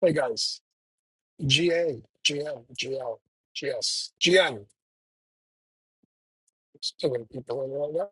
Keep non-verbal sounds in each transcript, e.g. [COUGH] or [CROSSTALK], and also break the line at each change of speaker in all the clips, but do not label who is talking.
Hey guys, GA, GM, GL, GS, GM. Still gonna keep going right now.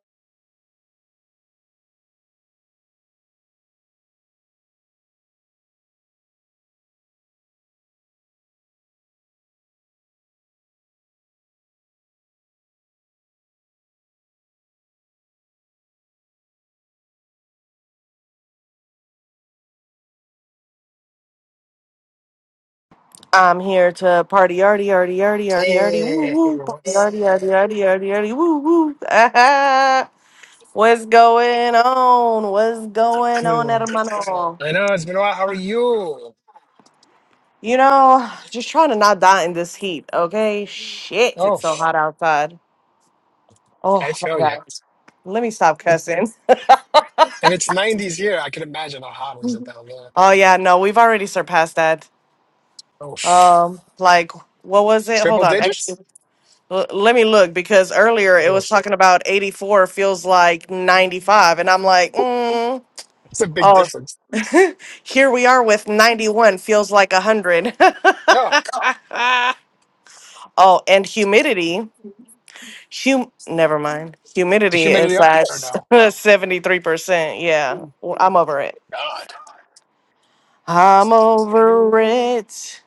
I'm here to party, yardy, yardy, yardy, yardy, yardy, woo,
Hey,
woo, party,
what's
yardy, yardy, yardy, yardy, yardy, woo, woo. [LAUGHS] Ah, What's going on? What's going
I
on,
know
hermano?
it's been a while. How are you?
You
Oh,
know, just trying to not die in this heat, okay? Shit, it's so hot outside. Oh
I
my
feel you.
god. Let me stop
If
cussing.
it's 90s here, I can imagine how hot is it down there.
Oh yeah, no, we've already surpassed that.
Oh,
Um, like, what was it? Hold
triple
on, actually.
digits?
L- let me look because earlier it
Oh,
was
pff.
talking about 84 feels like 95 and i'm like mm,
that's a big
oh
difference.
[LAUGHS] here we are with 91 feels like 100
Yeah,
[LAUGHS] oh and humidity hum never mind
is the
humidity
humidity
is
up
at
there now.
[LAUGHS] 73% yeah w- i'm over it
God.
i'm over it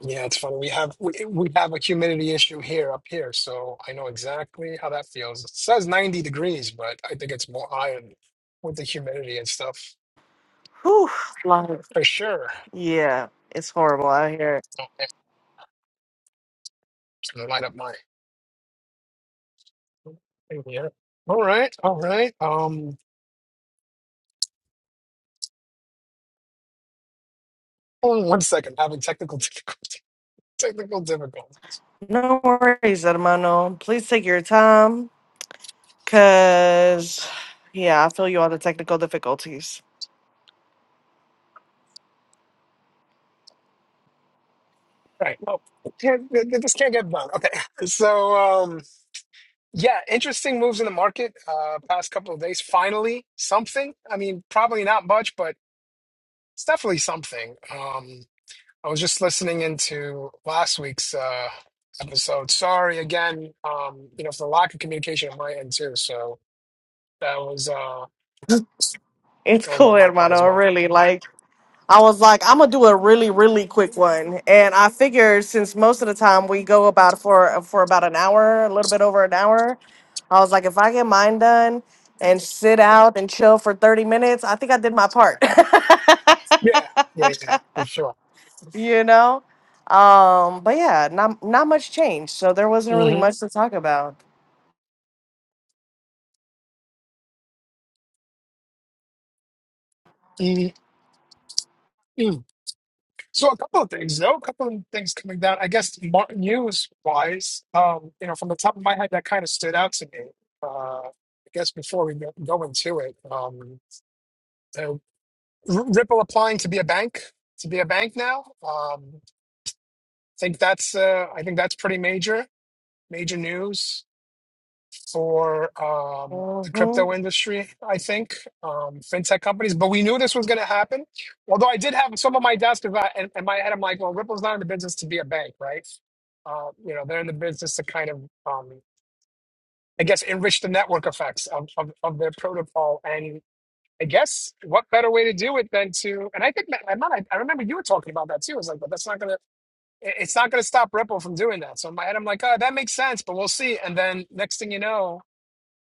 Yeah, it's funny. We have we, we have a humidity issue here up here, so I know exactly how that feels. It says 90 degrees, but I think it's more higher with the humidity and stuff
Whew, life.
for sure.
yeah it's horrible out here
Oh, yeah, it's gonna light up my thing here. All right, all right. Um, hold on one second. Having technical difficult- [LAUGHS] technical difficulties.
no worries hermano please take your time Cause yeah, I feel you on the technical difficulties.
All right. Well, can't, this can't get done. Okay. [LAUGHS] So, um, yeah, interesting moves in the market uh past couple of days. Finally, something. I mean, probably not much, but. It's definitely something. Um, I was just listening into last week's uh, episode. Sorry again, um, you know, for the lack of communication on my end too. So that was uh,
It's
that was
cool,
on my part as
hermano.
well.
Really, like I was like, I'm gonna do a really, really quick one, and I figured since most of the time we go about for for about an hour, a little bit over an hour, I was like, if I get mine done and sit out and chill for 30 minutes, I think I did my part.
Yeah, yeah, yeah, for sure.
[LAUGHS] you know, um, but yeah, not not much change. so there wasn't really
hmm
much to talk about.
mm So a couple of things, though, a couple of things coming down. I guess mar- news-wise, um, you know, from the top of my head, that kind of stood out to me. Uh, I guess before we go go into it, um, R- Ripple applying to be a bank to be a bank now. Um, I think that's uh, I think that's pretty major major news for um, the
hmm
crypto industry. I think um, fintech companies, but we knew this was going to happen. Although I did have some of my desk about and, and my head, I'm like, well, Ripple's not in the business to be a bank, right? Uh, you know, they're in the business to kind of um, I guess enrich the network effects of, of, of their protocol and I guess what better way to do it than to, and I think that, I'm I, I remember you were talking about that too. It's like, but that's not going to, it's not going to stop Ripple from doing that. So in my head, I'm like, oh, that makes sense, but we'll see. And then next thing you know,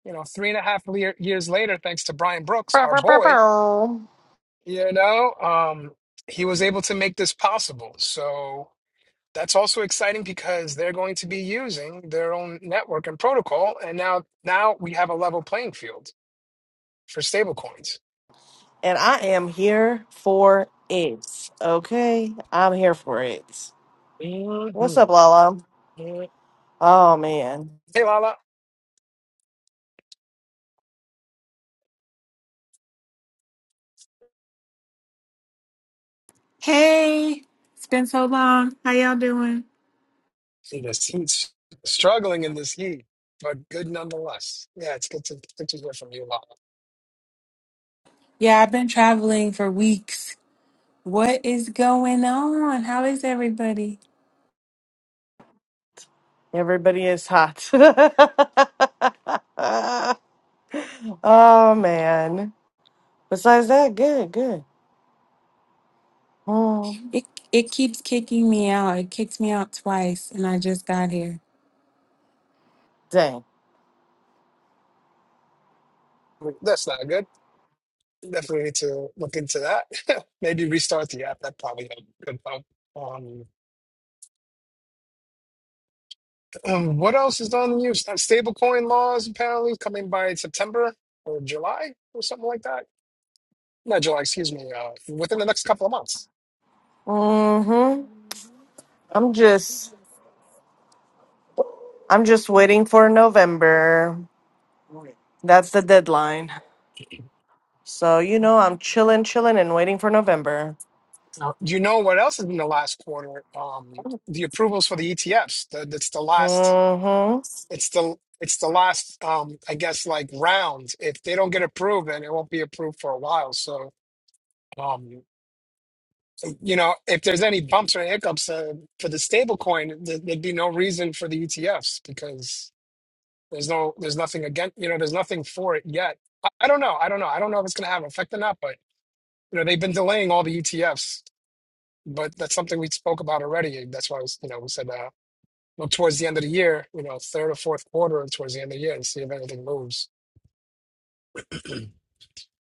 you know, three and a half lear- years later, thanks to Brian Brooks, our boy, you know, um, he was able to make this possible. So that's also exciting because they're going to be using their own network and protocol. And now, now we have a level playing field for stablecoins.
And I am here for it. Okay? I'm here for it. What's up,
Mhm.
Lala?
Mhm.
Oh, man.
Hey, Lala.
Hey, it's been so long. How y'all doing?
in this heat, struggling in this heat, but good nonetheless. Yeah, it's good to good to hear from you, Lala.
Yeah, I've been traveling for weeks. What is going on? How is everybody?
Everybody is hot. [LAUGHS] oh, man. Besides that, good, good. Um,
It it keeps kicking me out. It kicked me out twice and I just got here.
dang.
That's not good. Definitely need to look into that. [LAUGHS] Maybe restart the app. That probably a good help. Um, um, what else is on the news? Uh, Stablecoin laws apparently coming by September or July or something like that. Not July, excuse me. Uh, within the next couple of months.
Mm-hmm. I'm just, I'm just waiting for November. That's the deadline. So, you know, I'm chilling, chilling, and waiting for November.
Now, do you know what else is in the last quarter? Um, the approvals for the ETFs. The, that's the last
Mm-hmm.
It's the it's the last um I guess like round. If they don't get approved, then it won't be approved for a while. So um you know, if there's any bumps or hiccups uh, for the stable coin, th- there'd be no reason for the ETFs because there's no there's nothing against you know, there's nothing for it yet. I, I don't know. I don't know. I don't know if it's gonna have an effect or not, but you know, they've been delaying all the ETFs. But that's something we spoke about already. That's why I was, you know, we said uh, look towards the end of the year, you know, third or fourth quarter towards the end of the year and see if anything moves.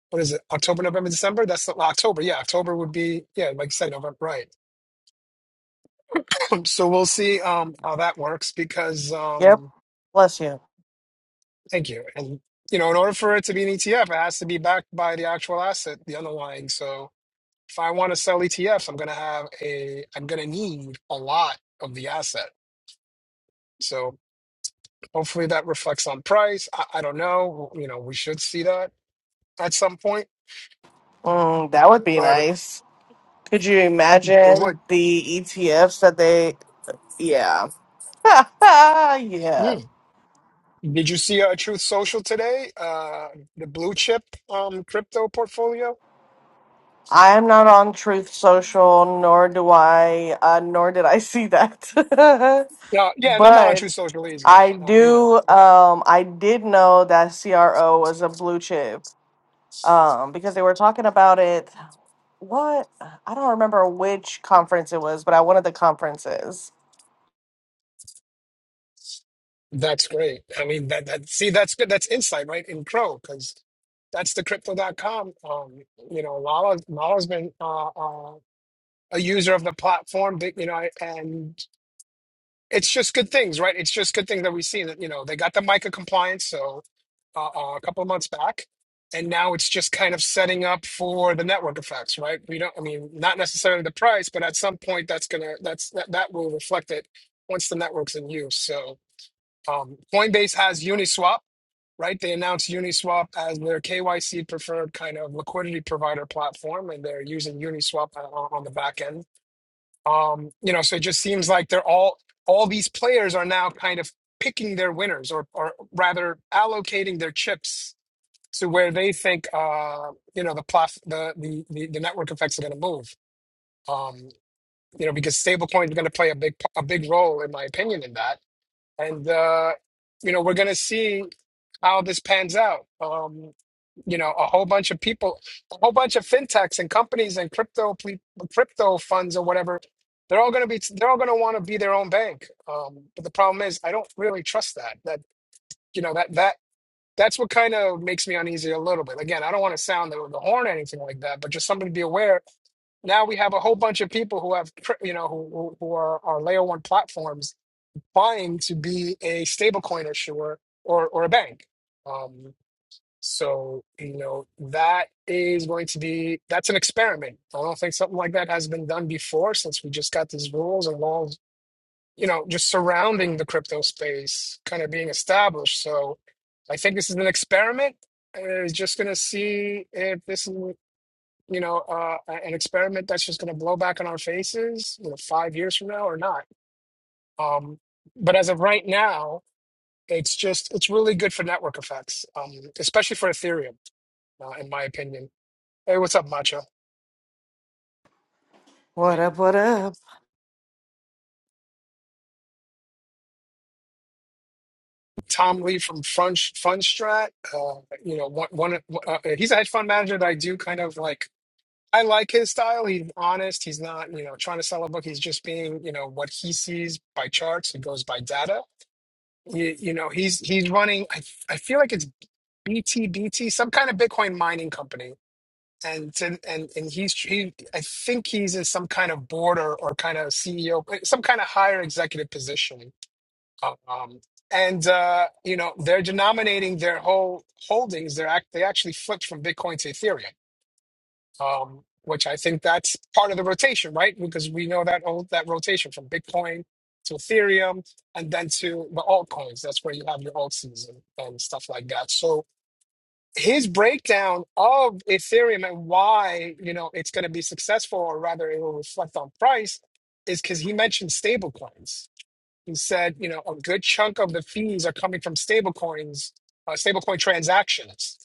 what is it october november december that's the, well, october yeah october would be yeah like you said november right [CLEARS THROAT] so we'll see um how that works because
Yep.
um
Bless you.
thank you and you know in order for it to be an etf it has to be backed by the actual asset the underlying so if i want to sell etfs i'm going to have a i'm going to need a lot of the asset so hopefully that reflects on price i, I don't know you know we should see that at some point
Mm, that would be
but
nice. Could you
it
imagine
would
the ETFs that they? Yeah. [LAUGHS]
Hmm.
yeah.
Did you see uh, Truth Social today? Uh, the blue chip um, crypto portfolio.
I am not on Truth Social, nor do I, uh, nor did I see that. [LAUGHS]
No, yeah, and I'm not on
but
Truth Social easy. No,
I
not, you know
do, um, I did know that CRO was a blue chip um, because they were talking about it. What? I don't remember which conference it was, but at one of the conferences.
that's great. I mean, that that see that's good. That's insight, right? In Crow, because that's the Crypto. Crypto.com. Um, you know, Lala Lala's been uh, uh, a user of the platform. but, You know, and it's just good things, right? It's just good things that we see. That you know, they got the MiCA compliance, so uh, uh, a couple months back, and now it's just kind of setting up for the network effects, right? We don't, I mean, not necessarily the price, but at some point that's gonna that's that, that will reflect it once the network's in use. So um, Coinbase has Uniswap, right? They announced Uniswap as their KYC preferred kind of liquidity provider platform, and they're using Uniswap uh, on, on the back end. Um, you know, so it just seems like they're all all these players are now kind of picking their winners, or or rather allocating their chips to where they think uh, you know the plot the, the the the network effects are going to move um you know because stablecoin is going to play a big a big role in my opinion in that and uh you know we're going to see how this pans out um you know a whole bunch of people a whole bunch of fintechs and companies and crypto ple- crypto funds or whatever they're all going to be they're all going to want to be their own bank um but the problem is i don't really trust that that you know that that that's what kind of makes me uneasy a little bit. Again, I don't want to sound the, the horn or anything like that, but just something to be aware. Now we have a whole bunch of people who have, pr- you know, who, who who are, are layer one platforms vying to be a stablecoin issuer or, or a bank. Um, so, you know, that is going to be, that's an experiment. I don't think something like that has been done before since we just got these rules and laws you know, just surrounding the crypto space kind of being established. So I think this is an experiment. and It's just going to see if this is, you know, uh, an experiment that's just going to blow back on our faces, you know, five years from now or not. Um, but as of right now, it's just, it's really good for network effects, um, especially for Ethereum, uh, in my opinion. Hey, what's up, Macho?
What up, what up?
Tom Lee from Fund Fundstrat, uh, you know, one, one uh, he's a hedge fund manager that I do kind of like I like his style. He's honest. He's not, you know, trying to sell a book. He's just being, you know, what he sees by charts. He goes by data. You, you know, he's he's running. I, I feel like it's BTBT, some kind of Bitcoin mining company, and to, and and he's he. I think he's in some kind of board or, or kind of CEO, some kind of higher executive position. Um, and uh, you know, they're denominating their whole holdings. They're act they actually flipped from Bitcoin to Ethereum um, which I think that's part of the rotation, right? Because we know that all that rotation from Bitcoin to Ethereum and then to the altcoins. That's where you have your alt season and stuff like that. So his breakdown of Ethereum and why you know it's going to be successful, or rather, it will reflect on price, is because he mentioned stablecoins. He said, you know, a good chunk of the fees are coming from stablecoins, uh, stablecoin transactions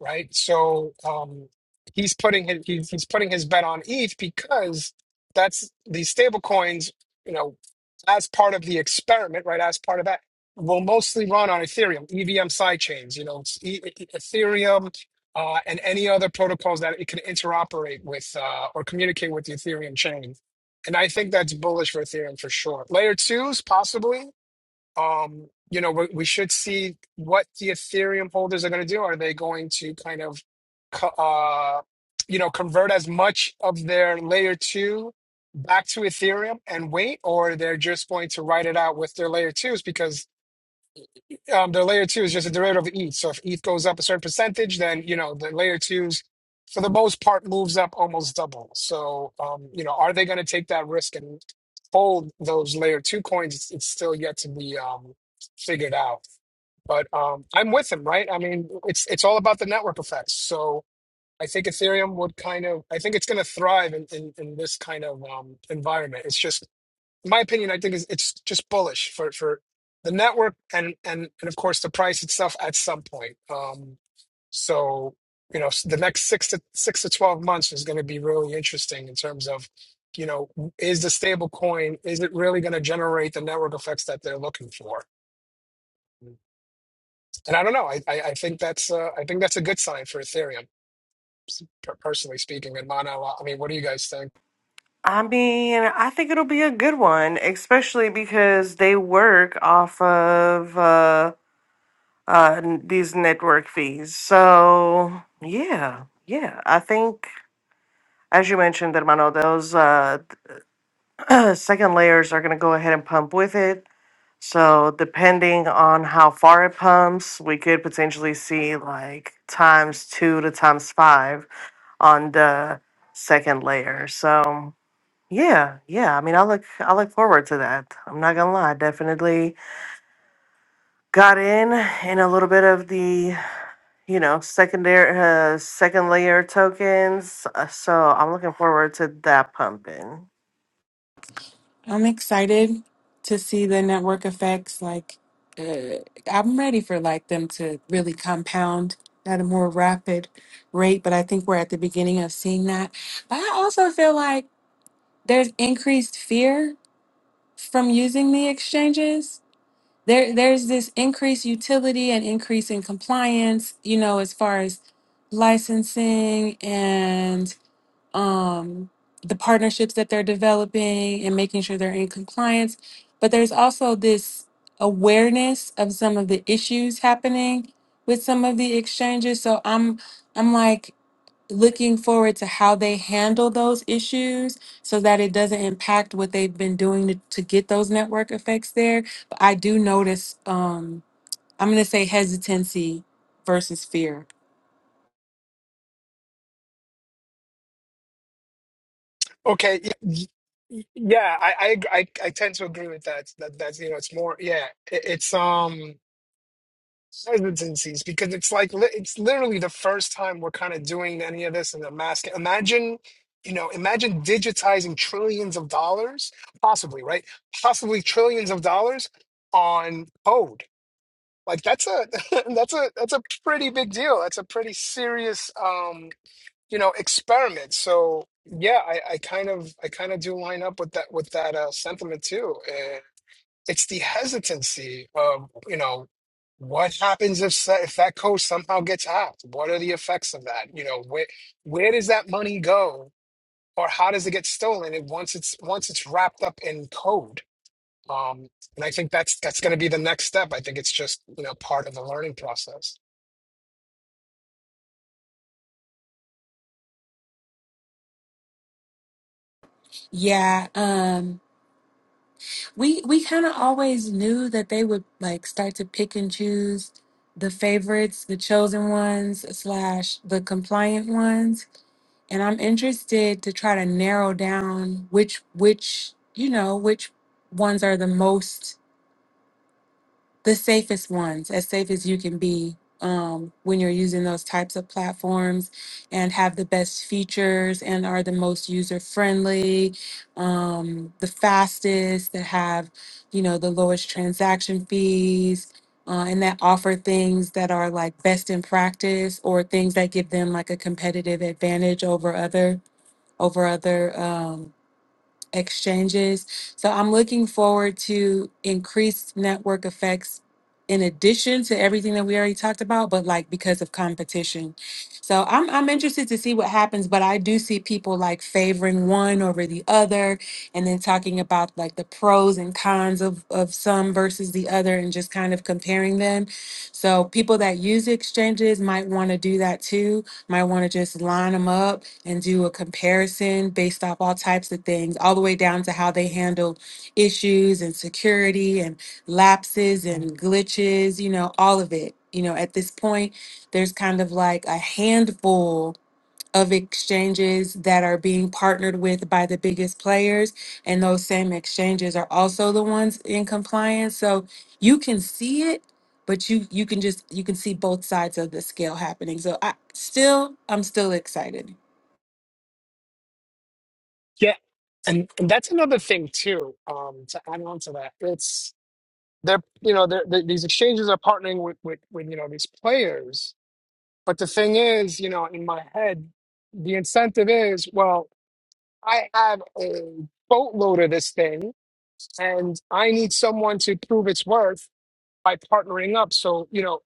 right? So um, he's putting his he's, he's putting his bet on ETH because that's these stable coins, you know, as part of the experiment, right? As part of that, will mostly run on Ethereum, EVM sidechains, you know, it's E- E- Ethereum uh, and any other protocols that it can interoperate with uh, or communicate with the Ethereum chain. And I think that's bullish for Ethereum for sure. Layer twos, possibly um, you know, we, we should see what the Ethereum holders are going to do. Are they going to kind of, co- uh, you know, convert as much of their layer two back to Ethereum and wait, or they're just going to write it out with their layer twos? Because um, the layer two is just a derivative of ETH. So if ETH goes up a certain percentage, then you know the layer twos, for the most part, moves up almost double. So um, you know, are they going to take that risk and hold those layer two coins? It's, it's still yet to be um, figured out. But um, I'm with him, right? I mean, it's it's all about the network effects. So I think Ethereum would kind of, I think it's going to thrive in, in in this kind of um, environment. It's just my opinion, I think is it's just bullish for for the network and and and of course the price itself at some point. Um, so you know s- the next six to six to twelve months is going to be really interesting in terms of you know is the stable coin is it really going to generate the network effects that they're looking for? And I don't know. I I, I think that's uh, I think that's a good sign for Ethereum s- per- personally speaking. And Mana, I mean, what do you guys think?
I mean, I think it'll be a good one, especially because they work off of uh, uh, n- these network fees. So, yeah, yeah, I think, as you mentioned, Hermano, those uh, [CLEARS THROAT] second layers are going to go ahead and pump with it. So, depending on how far it pumps, we could potentially see like times two to times five on the second layer. So, Yeah, yeah. I mean, I look I look forward to that. I'm not gonna lie. I definitely got in in a little bit of the you know secondary uh, second layer tokens. Uh, So I'm looking forward to that pumping.
I'm excited to see the network effects like uh, I'm ready for like them to really compound at a more rapid rate, but I think we're at the beginning of seeing that. But I also feel like there's increased fear from using the exchanges there there's this increased utility and increase in compliance you know as far as licensing and um the partnerships that they're developing and making sure they're in compliance but there's also this awareness of some of the issues happening with some of the exchanges so i'm i'm like looking forward to how they handle those issues so that it doesn't impact what they've been doing to, to get those network effects there. But I do notice, um, I'm going to say hesitancy versus fear.
Okay. y- y- y- Yeah, I, I ag- I I tend to agree with that. That that's you know it's more yeah it, it's um hesitancies because it's like li- it's literally the first time we're kind of doing any of this in the mask. Imagine you know imagine digitizing trillions of dollars possibly right possibly trillions of dollars on code like that's a [LAUGHS] that's a that's a pretty big deal. That's a pretty serious um you know, experiment. So yeah, I, I kind of I kind of do line up with that with that uh, sentiment too. Uh, it's the hesitancy of you know what happens if sa- if that code somehow gets hacked? What are the effects of that? You know, where where does that money go, or how does it get stolen? And once it's once it's wrapped up in code, um, and I think that's that's going to be the next step. I think it's just you know part of the learning process.
Yeah, um, we we kind of always knew that they would like start to pick and choose the favorites, the chosen ones slash the compliant ones and I'm interested to try to narrow down which which you know which ones are the most the safest ones, as safe as you can be um, when you're using those types of platforms, and have the best features and are the most user friendly, um, the fastest that have you know the lowest transaction fees. Uh, and that offer things that are like best in practice or things that give them like a competitive advantage over other over other um, exchanges. So I'm looking forward to increased network effects in addition to everything that we already talked about, but like because of competition. So I'm I'm interested to see what happens, but I do see people like favoring one over the other and then talking about like the pros and cons of of some versus the other and just kind of comparing them. So people that use exchanges might want to do that too might want to just line them up and do a comparison based off all types of things, all the way down to how they handle issues and security and lapses and glitches, you know, all of it. You know, at this point, there's kind of like a handful of exchanges that are being partnered with by the biggest players. And those same exchanges are also the ones in compliance. So you can see it, but you you can just you can see both sides of the scale happening. So I still I'm still excited.
Yeah, and, and that's another thing too. Um, to add on to that, it's they're you know they're, they these exchanges are partnering with, with with you know these players but the thing is you know in my head the incentive is well i have a boatload of this thing and i need someone to prove its worth by partnering up so you know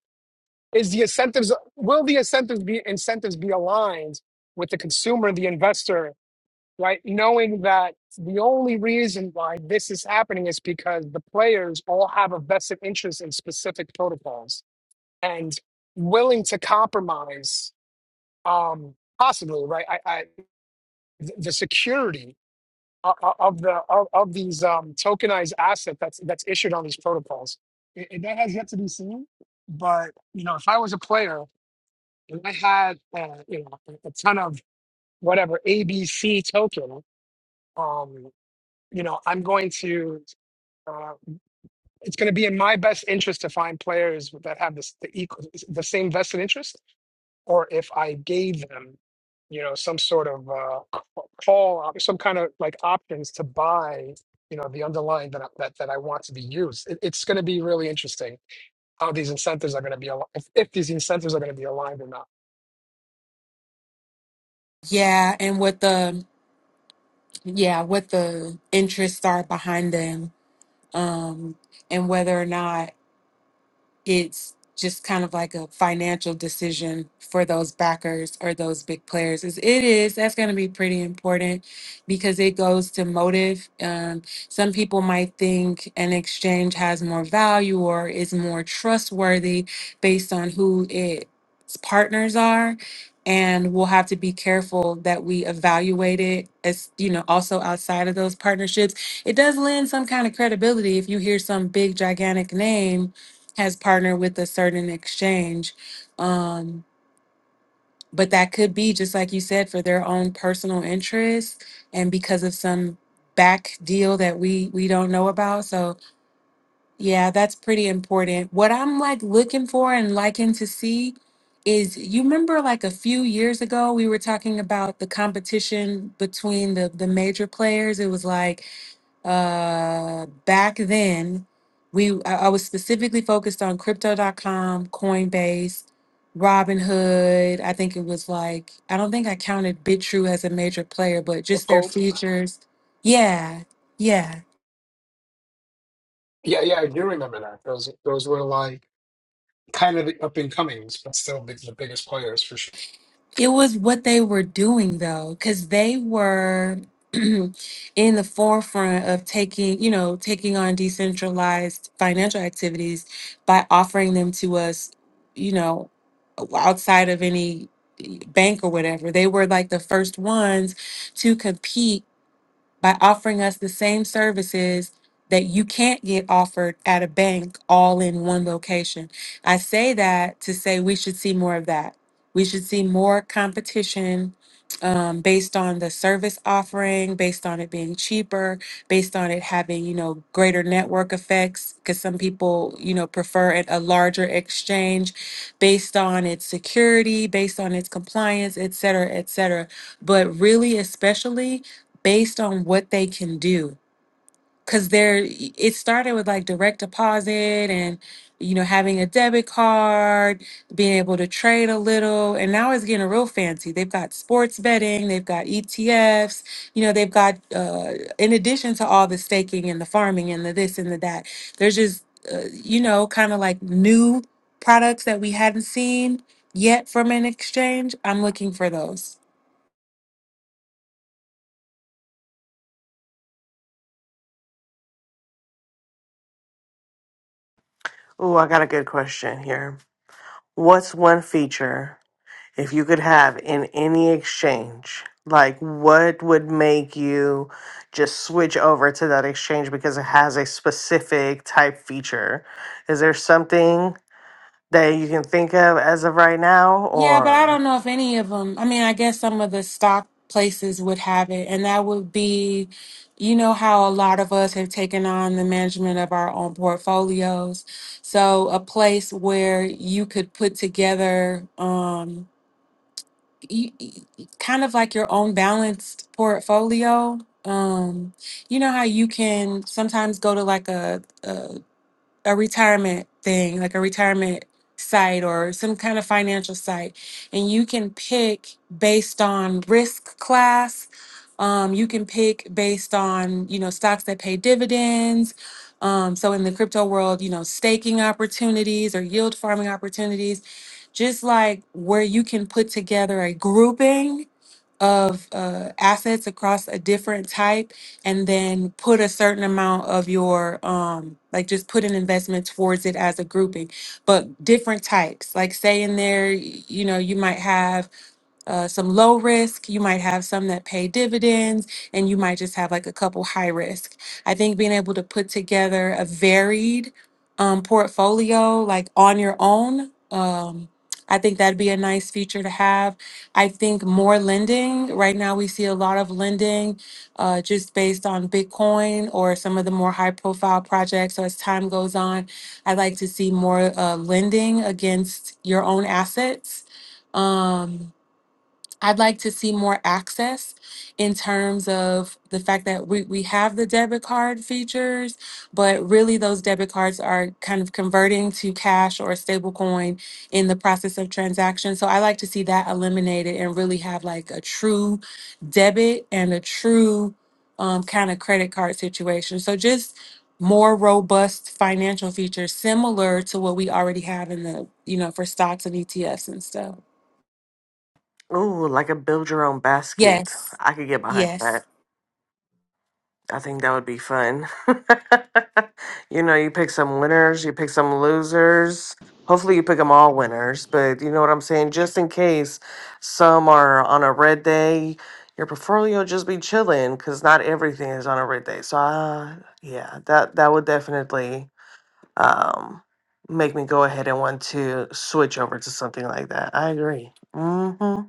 is the incentives will the incentives be incentives be aligned with the consumer the investor right knowing that the only reason why this is happening is because the players all have a vested interest in specific protocols and willing to compromise um possibly right i, I th- the security o- o- of the of, of these um tokenized asset that's that's issued on these protocols I- and that has yet to be seen but you know if i was a player and i had uh, you know a a ton of whatever abc token um you know i'm going to uh, it's going to be in my best interest to find players that have this the equal the same vested interest or if I gave them, you know, some sort of uh, c- call, op- some kind of like options to buy, you know, the underlying that I, that that I want to be used. It, it's going to be really interesting how these incentives are going to be aligned, if, if these incentives are going to be aligned or not.
Yeah, and what the yeah, what the interests are behind them. Um and whether or not it's just kind of like a financial decision for those backers or those big players is it is that's going to be pretty important because it goes to motive um, some people might think an exchange has more value or is more trustworthy based on who its partners are and we'll have to be careful that we evaluate it as you know also outside of those partnerships it does lend some kind of credibility if you hear some big gigantic name has partnered with a certain exchange. Um, but that could be just like you said for their own personal interests and because of some back deal that we we don't know about. So yeah, that's pretty important. What I'm like looking for and liking to see is you remember like a few years ago we were talking about the competition between the the major players. It was like uh, back then, we I, I was specifically focused on Crypto. dot com, Coinbase, Robinhood. I think it was like I don't think I counted BitTrue as a major player, but just their
Uphold.
features. Yeah, yeah.
Yeah, yeah, I do remember that. Those those were like kind of the up and comings, but still big, the biggest players for sure.
It was what they were doing though, because they were [CLEARS THROAT] in the forefront of taking, you know, taking on decentralized financial activities by offering them to us, you know, outside of any bank or whatever. They were like the first ones to compete by offering us the same services that you can't get offered at a bank all in one location. I say that to say we should see more of that. We should see more competition um, based on the service offering, based on it being cheaper, based on it having, you know, greater network effects, because some people, you know, prefer it, a larger exchange, based on its security, based on its compliance, et cetera, et cetera. But really, especially, based on what they can do because they are it started with like direct deposit and you know having a debit card being able to trade a little and now it's getting real fancy they've got sports betting they've got etfs you know they've got uh, in addition to all the staking and the farming and the this and the that there's just uh, you know kind of like new products that we hadn't seen yet from an exchange i'm looking for those
Ooh, I got a good question here. What's one feature if you could have in any exchange? Like, what would make you just switch over to that exchange because it has a specific type feature? Is there something? that you can think of as of right now,
Yeah, but I don't
or
know if any of them. I mean, I guess some of the stock places would have it, and that would be, you know, how a lot of us have taken on the management of our own portfolios. So a place where you could put together, um, y- y- kind of like your own balanced portfolio. Um, you know how you can sometimes go to like a, a retirement thing, like a retirement site or some kind of financial site, and you can pick based on risk class. Um, you can pick based on you know stocks that pay dividends. Um, so in the crypto world, you know staking opportunities or yield farming opportunities, just like where you can put together a grouping of uh, assets across a different type and then put a certain amount of your um like just put an investment towards it as a grouping but different types like say in there y- you know you might have uh, some low risk. You might have some that pay dividends, and you might just have like a couple high risk. I think being able to put together a varied um, portfolio like on your own, um, I think that'd be a nice feature to have. I think more lending. Right now, we see a lot of lending uh, just based on Bitcoin or some of the more high profile projects. So as time goes on, I'd like to see more uh, lending against your own assets. Um, I'd like to see more access in terms of the fact that we, we have the debit card features, but really those debit cards are kind of converting to cash or a stable coin in the process of transaction. So I like to see that eliminated and really have like a true debit and a true um, kind of credit card situation. So just more robust financial features similar to what we already have in the, you know, for stocks and ETFs and stuff.
ooh, like a build your own basket.
Yes.
I could get behind
Yes.
that. I think that would be fun. [LAUGHS] you know, you pick some winners, you pick some losers. Hopefully, you pick them all winners, but you know what I'm saying? Just in case some are on a red day, your portfolio will just be chilling because not everything is on a red day. So, uh, yeah, that, that would definitely um, make me go ahead and want to switch over to something like that. I agree. hmm hmm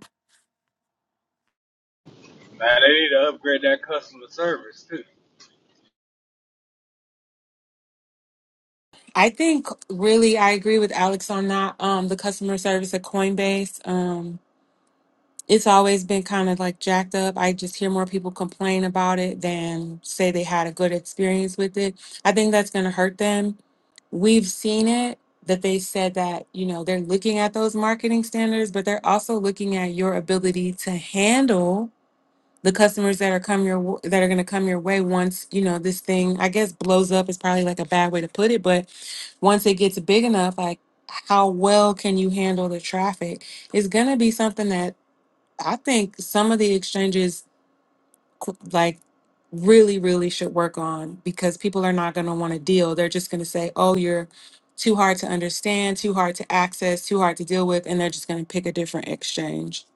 Man, they need to upgrade that customer service too.
I think really I agree with Alex on that. Um, the customer service at Coinbase, um, it's always been kind of like jacked up. I just hear more people complain about it than say they had a good experience with it. I think that's going to hurt them. We've seen it that they said that, you know, they're looking at those marketing standards, but they're also looking at your ability to handle the customers that are come your w- that are going to come your way once you know this thing i guess blows up is probably like a bad way to put it but once it gets big enough like how well can you handle the traffic it's going to be something that i think some of the exchanges qu- like really really should work on because people are not going to want to deal they're just going to say oh you're too hard to understand too hard to access too hard to deal with and they're just going to pick a different exchange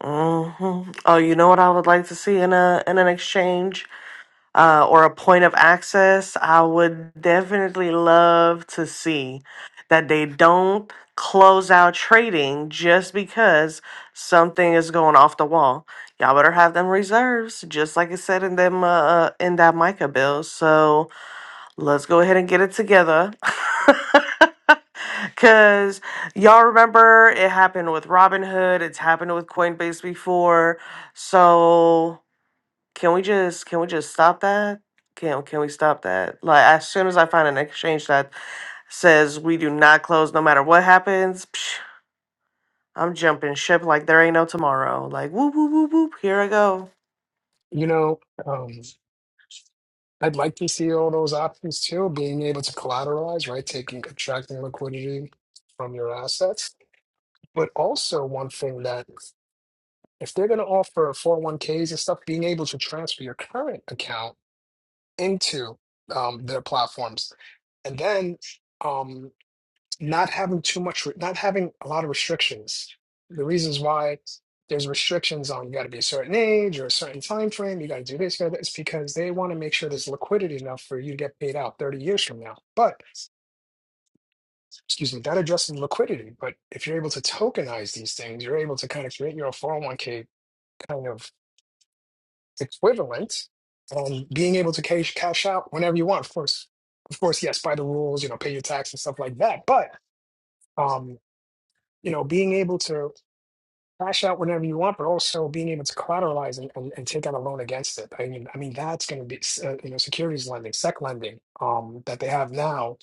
Oh, you know what I would like to see in a in an exchange uh, or a point of access. I would definitely love to see that they don't close out trading just because something is going off the wall. Y'all better have them reserves, just like it said in them uh, uh, in that Micah bill. So Let's go ahead and get it together. [LAUGHS] Cause y'all remember it happened with Robinhood, it's happened with Coinbase before. So can we just can we just stop that? Can can we stop that? Like as soon as I find an exchange that says we do not close no matter what happens, psh, I'm jumping ship like there ain't no tomorrow. Like whoop whoop whoop whoop, here I go.
You know, um, I'd like to see all those options too, being able to collateralize, right? Taking, attracting liquidity from your assets But also one thing that if they're going to offer 401ks and stuff, being able to transfer your current account into um, their platforms, and then um, not having too much, not having a lot of restrictions. The reasons why there's restrictions on you got to be a certain age or a certain time frame, you got to do this, you got to this, because they want to make sure there's liquidity enough for you to get paid out 30 years from now. But excuse me, that addresses liquidity. But if you're able to tokenize these things, you're able to kind of create your own 401 k kind of equivalent um, being able to cash cash out whenever you want of course of course yes by the rules you know pay your tax and stuff like that but um, you know being able to cash out whenever you want but also being able to collateralize and, and, and take out a loan against it i mean i mean that's going to be uh, you know securities lending sec lending um, that they have now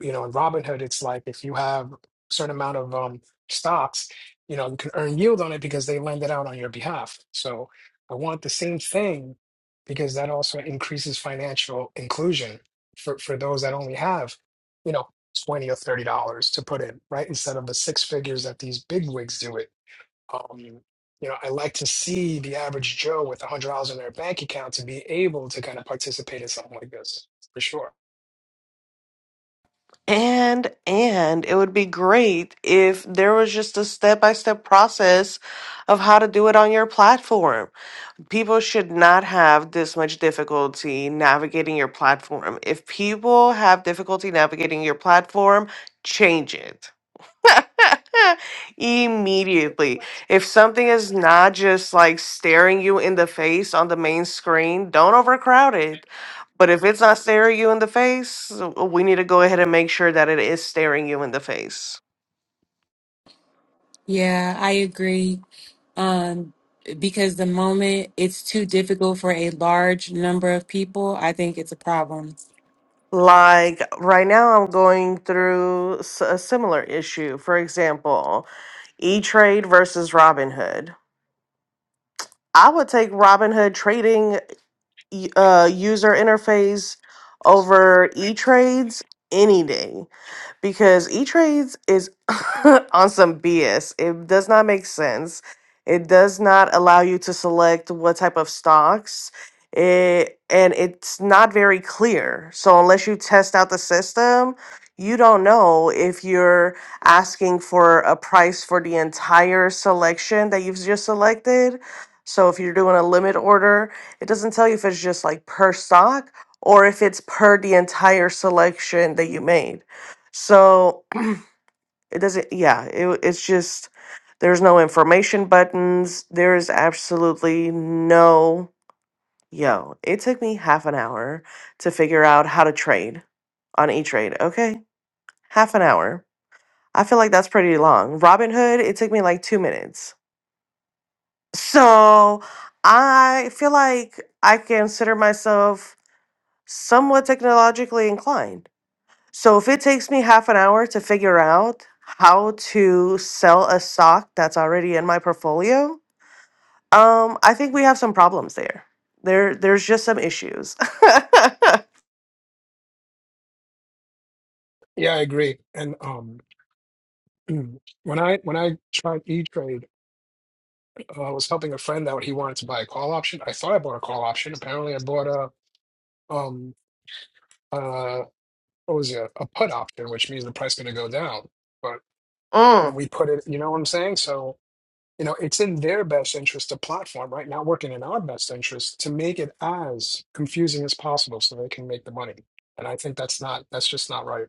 you know, in Robinhood, it's like if you have a certain amount of um, stocks, you know, you can earn yield on it because they lend it out on your behalf. So I want the same thing because that also increases financial inclusion for, for those that only have, you know, 20 or $30 to put in, right? Instead of the six figures that these big wigs do it. Um, you know, I like to see the average Joe with $100 in their bank account to be able to kind of participate in something like this, for sure.
And and it would be great if there was just a step-by-step process of how to do it on your platform. People should not have this much difficulty navigating your platform. If people have difficulty navigating your platform, change it. [LAUGHS] Immediately. If something is not just like staring you in the face on the main screen, don't overcrowd it. But if it's not staring you in the face, uh, we need to go ahead and make sure that it is staring you in the face.
yeah i agree Um, because the moment it's too difficult for a large number of people, I think it's a problem.
Like right now, I'm going through s- a similar issue. For example, E Trade versus Robinhood. I would take Robinhood trading y- uh, user interface over E Trades any day. because E Trades is [LAUGHS] on some BS. It does not make sense. It does not allow you to select what type of stocks. It and it's not very clear. So unless you test out the system, you don't know if you're asking for a price for the entire selection that you've just selected. So if you're doing a limit order, it doesn't tell you if it's just like per stock or if it's per the entire selection that you made. So it doesn't, yeah, it, it's just there's no information buttons. There is absolutely no, yo, it took me half an hour to figure out how to trade on E Trade. Okay, half an hour. I feel like that's pretty long. Robinhood, it took me like two minutes. So I feel like I consider myself somewhat technologically inclined So if it takes me half an hour to figure out how to sell a stock that's already in my portfolio, um, I think we have some problems there. There, there's just some issues. [LAUGHS]
Yeah, I agree. And um, [CLEARS THROAT] Mm. When I when I tried E Trade, uh, I was helping a friend out. He wanted to buy a call option. I thought I bought a call option. Apparently, I bought a um uh what was it a put option, which means the price going to go down. But when
mm.
we put it, you know what I'm saying? So you know it's in their best interest, the platform, right? Not working in our best interest to make it as confusing as possible so they can make the money. And I think that's not that's just not right.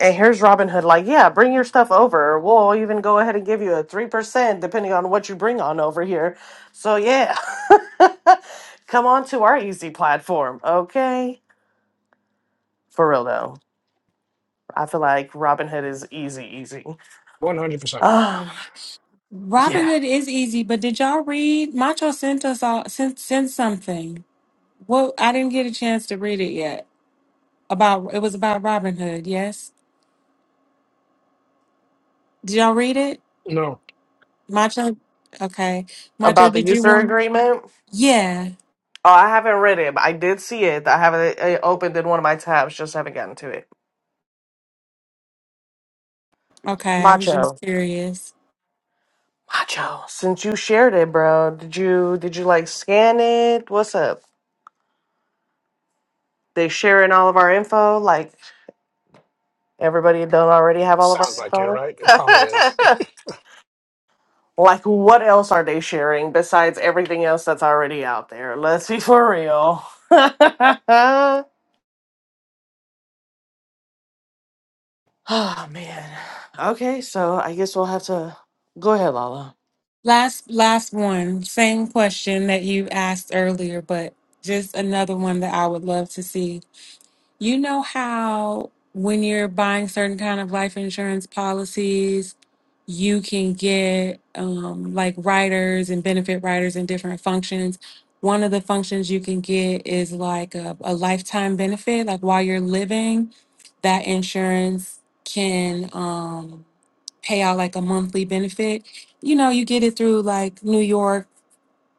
And here's Robinhood, like, yeah, bring your stuff over. We'll even go ahead and give you a three percent, depending on what you bring on over here. So yeah, [LAUGHS] come on to our easy platform, okay? For real though, I feel like Robinhood is easy, easy.
One hundred percent.
Um,
Robin
yeah.
Hood is easy, but did y'all read? Macho sent us all sent sent something. Well, I didn't get a chance to read it yet. About it was about Robin Hood. Yes, did y'all read it?
No,
Macho, okay. Macho,
about the
did you
user
want?
agreement.
Yeah,
Oh, I haven't read it, but I did see it. I have it, it opened in one of my tabs. Just haven't gotten to it.
okay. I was
Macho,
just curious.
macho. Since you shared it, bro, did you did you like scan it? What's up? They sharing all of our info. Like everybody don't already have all of our
sounds like it,
info.
right? It probably is. [LAUGHS]
[LAUGHS] like what else are they sharing besides everything else that's already out there? Let's be for real. [LAUGHS] oh man. Okay, so I guess we'll have to go ahead, Lala.
Last last one, same question that you asked earlier, but just another one that I would love to see You know how when you're buying certain kind of life insurance policies, you can get um, like riders and benefit riders and different functions. One of the functions you can get is like a, a lifetime benefit. Like while you're living, that insurance can um, pay out like a monthly benefit. You know, you get it through like New York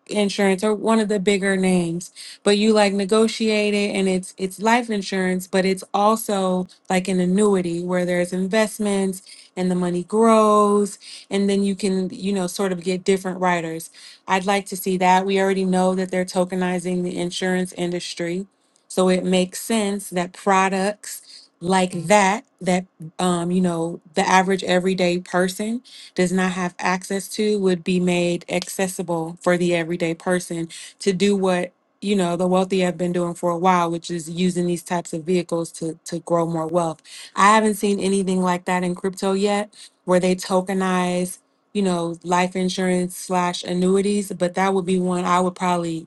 insurance or one of the bigger names but you like negotiate it and it's it's life insurance but it's also like an annuity where there's investments and the money grows and then you can you know sort of get different riders. i'd like to see that we already know that they're tokenizing the insurance industry so it makes sense that products like that that um you know the average everyday person does not have access to would be made accessible for the everyday person to do what you know the wealthy have been doing for a while which is using these types of vehicles to to grow more wealth i haven't seen anything like that in crypto yet where they tokenize you know life insurance slash annuities but that would be one i would probably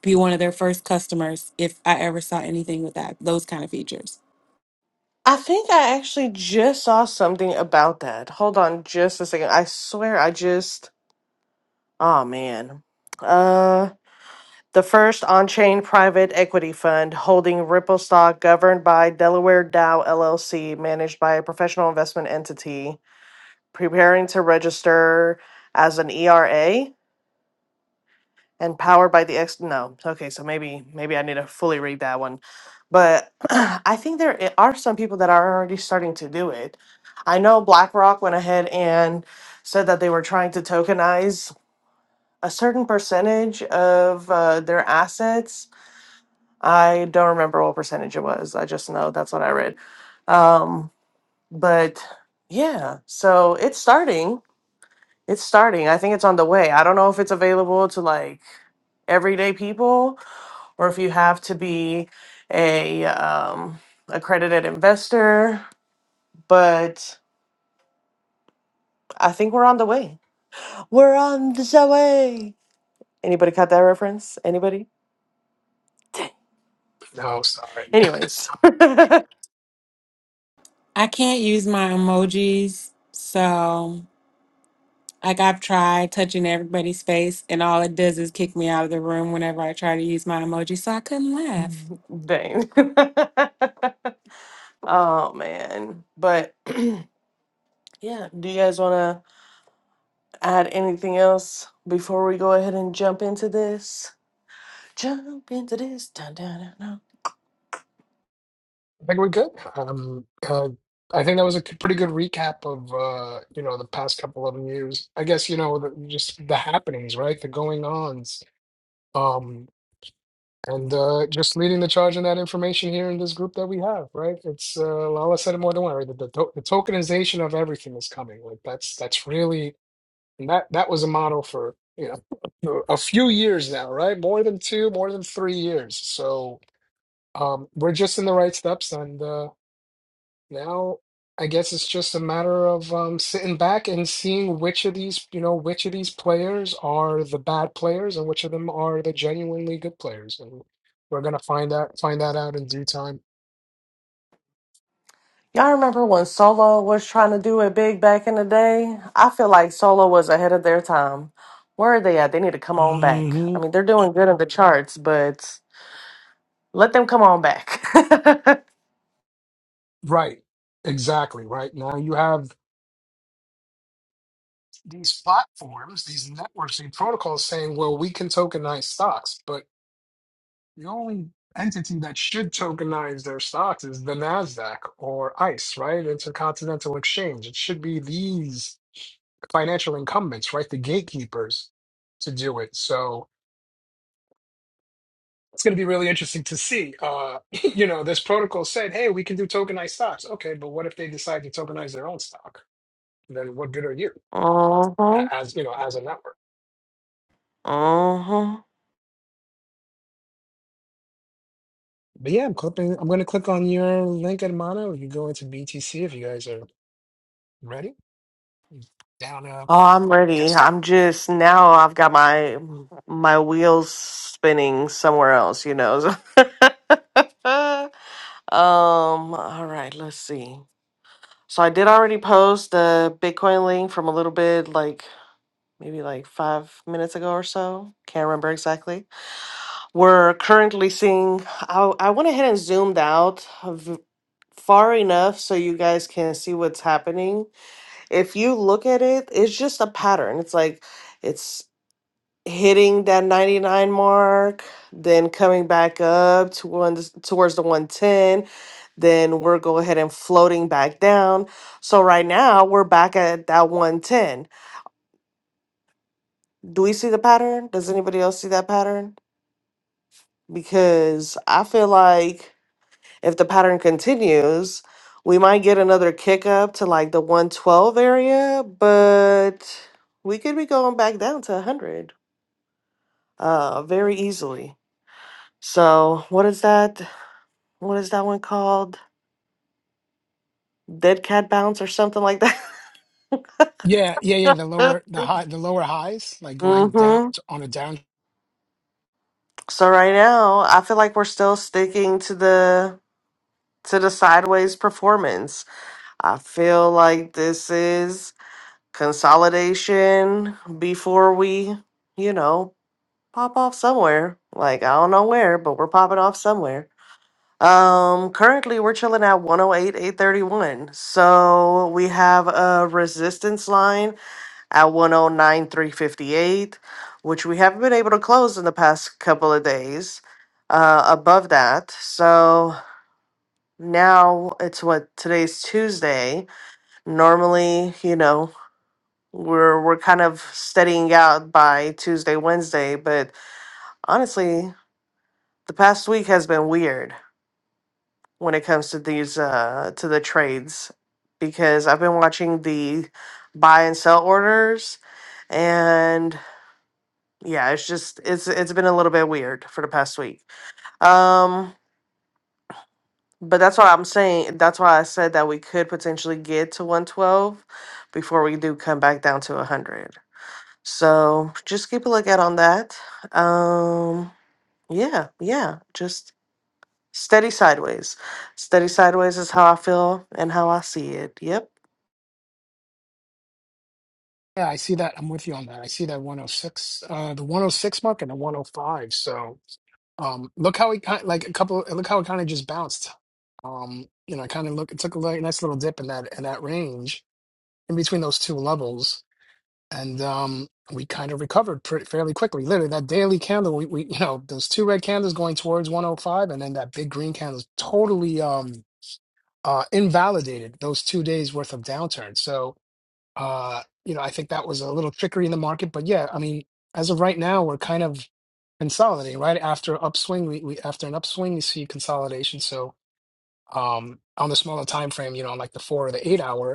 be one of their first customers if i ever saw anything with that those kind of features
I think I actually just saw something about that. Hold on just a second. I swear I just oh man. Uh the first on-chain private equity fund holding Ripple stock governed by Delaware Dow LLC managed by a professional investment entity preparing to register as an ERA and powered by the ex no okay so maybe maybe i need to fully read that one but [CLEARS THROAT] i think there i- are some people that are already starting to do it i know blackrock went ahead and said that they were trying to tokenize a certain percentage of uh, their assets i don't remember what percentage it was i just know that's what i read um, but yeah so it's starting it's starting i think it's on the way i don't know if it's available to like everyday people or if you have to be a um, accredited investor. But I think we're on the way. We're on the way. Anybody caught that reference? Anybody?
No, sorry.
Anyways, [LAUGHS]
i can't use my emojis so Like I've tried touching everybody's face, and all it does is kick me out of the room whenever I try to use my emoji. So I couldn't laugh.
dang. [LAUGHS] oh man, but [CLEARS THROAT] yeah. Do you guys want to add anything else before we go ahead and jump into this? Jump into this. Dun, dun, dun, dun.
I think we're good. Um, uh, I think that was a c- pretty good recap of uh, you know the past couple of years. I guess you know the, just the happenings, right? The going ons, um, and uh, just leading the charge on that information here in this group that we have, right? It's uh, Lala said it more than one. Right? The, the, to- the tokenization of everything is coming. Like that's that's really and that that was a model for you know a few years now, right? More than two, more than three years. So um, we're just in the right steps, and. uh, now, I guess it's just a matter of um, sitting back and seeing which of these, you know, which of these players are the bad players and which of them are the genuinely good players. And we're gonna find that find that out in due time.
I remember when Solo was trying to do it big back in the day. I feel like Solo was ahead of their time. Where are they at? They need to come on back. I
hmm
mean, they're doing good in the charts, but let them come on back. [LAUGHS]
Right. Exactly. Right. Now you have these platforms, these networks, these protocols saying, well, we can tokenize stocks. but. The only entity that should tokenize their stocks is the Nasdaq or ICE, right? Intercontinental Exchange. It should be these financial incumbents, right? The gatekeepers to do it. So it's going to be really interesting to see. Uh, [CLEARS THROAT] [LAUGHS] you know, this protocol said, hey, we can do tokenized stocks. Okay, but what if they decide to tokenize their own stock? Then what good are you
mhm.
a- as, you know, as a network?
Mhm.
But yeah, I'm clipping, I'm going to click on your link, Hermano. You go into BTC if you guys are ready. Down, uh,
Oh, I'm
get
ready.
started.
I'm just now I've got my my wheels spinning somewhere else, you know. so- [LAUGHS] um, all right, let's see. So I did already post the Bitcoin link from a little bit like maybe like five minutes ago or so. Can't remember exactly. We're currently seeing. I, I went ahead and zoomed out v- far enough so you guys can see what's happening. If you look at it, it's just a pattern. It's like it's hitting that 99 mark, then coming back up to one, towards the 110. Then we're go ahead and floating back down. So right now we're back at that 110. Do we see the pattern? Does anybody else see that pattern? because I feel like if the pattern continues, we might get another kick up to like the 112 area, but we could be going back down to 100 uh very easily. So, what is that? What is that one called? Dead cat bounce or something like that?
Yeah, yeah, yeah. The
[LAUGHS]
lower, the high, the lower highs, like going down
mhm.
t- on a down.
So right now, I feel like we're still sticking to the to the sideways performance. I feel like this is consolidation before we, you know, pop off somewhere. Like I don't know where, but we're popping off somewhere. Um currently we're chilling at one oh eight eight thirty one. So we have a resistance line at one oh nine three fifty eight, which we haven't been able to close in the past couple of days. Uh above that. So now it's what today's Tuesday. Normally, you know, we're we're kind of steadying out by Tuesday, Wednesday. But honestly, the past week has been weird when it comes to these uh to the trades because I've been watching the buy and sell orders and yeah, it's just it's it's been a little bit weird for the past week. Um but that's why I'm saying that's why I said that we could potentially get to 112 before we do come back down to 100. So just keep a lookout on that. Um, yeah, yeah, just steady sideways. Steady sideways is how I feel and how I see it. Yep,
Yeah, I see that. I'm with you on that. I see that 106, uh, the 106 mark and the 105. So, um, look how it kind like a couple. Look how it kind of just bounced. Um, you know, I kind of look. It took a li- nice little dip in that in that range in between those two levels, and um, we kind of recovered pretty fairly quickly. Literally, that daily candle, we, we you know those two red candles going towards 105, and then that big green candle is totally um uh, invalidated those two days worth of downturn. So, uh, you know, I think that was a little trickery in the market. But yeah, I mean, as of right now, we're kind of consolidating, right? After upswing, we, we after an upswing, we see consolidation. So, um, on the smaller time frame, you know, on like the four or the eight hour.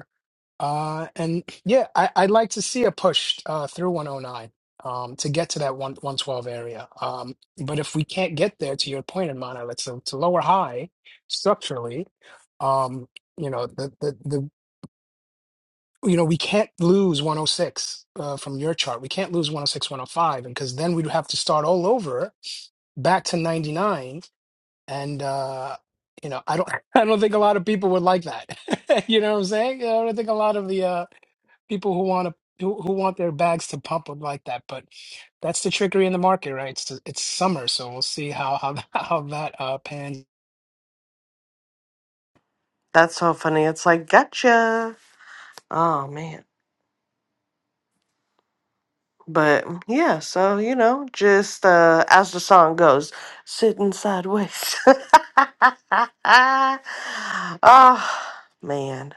Uh, and yeah, I, I'd like to see a push uh, through 109 um, to get to that one, 112 area. Um, but if we can't get there, to your point, in Mana, it's a, it's a lower high structurally. Um, you know, the, the, the, you know, we can't lose 106 uh, from your chart. We can't lose 106, 105, and because then we'd have to start all over back to 99. And uh, you know, I don't, [LAUGHS] I don't think a lot of people would like that. [LAUGHS] you know what I'm saying? I don't think a lot of the uh, people who want to who, who want their bags to pump would like that. But that's the trickery in the market, right? It's it's summer, so we'll see how how [LAUGHS] how that uh pans.
that's so funny. It's like, gotcha. Oh, man. But mm, yeah, so you know, just uh, as the song goes, sitting sideways. [LAUGHS] oh, man.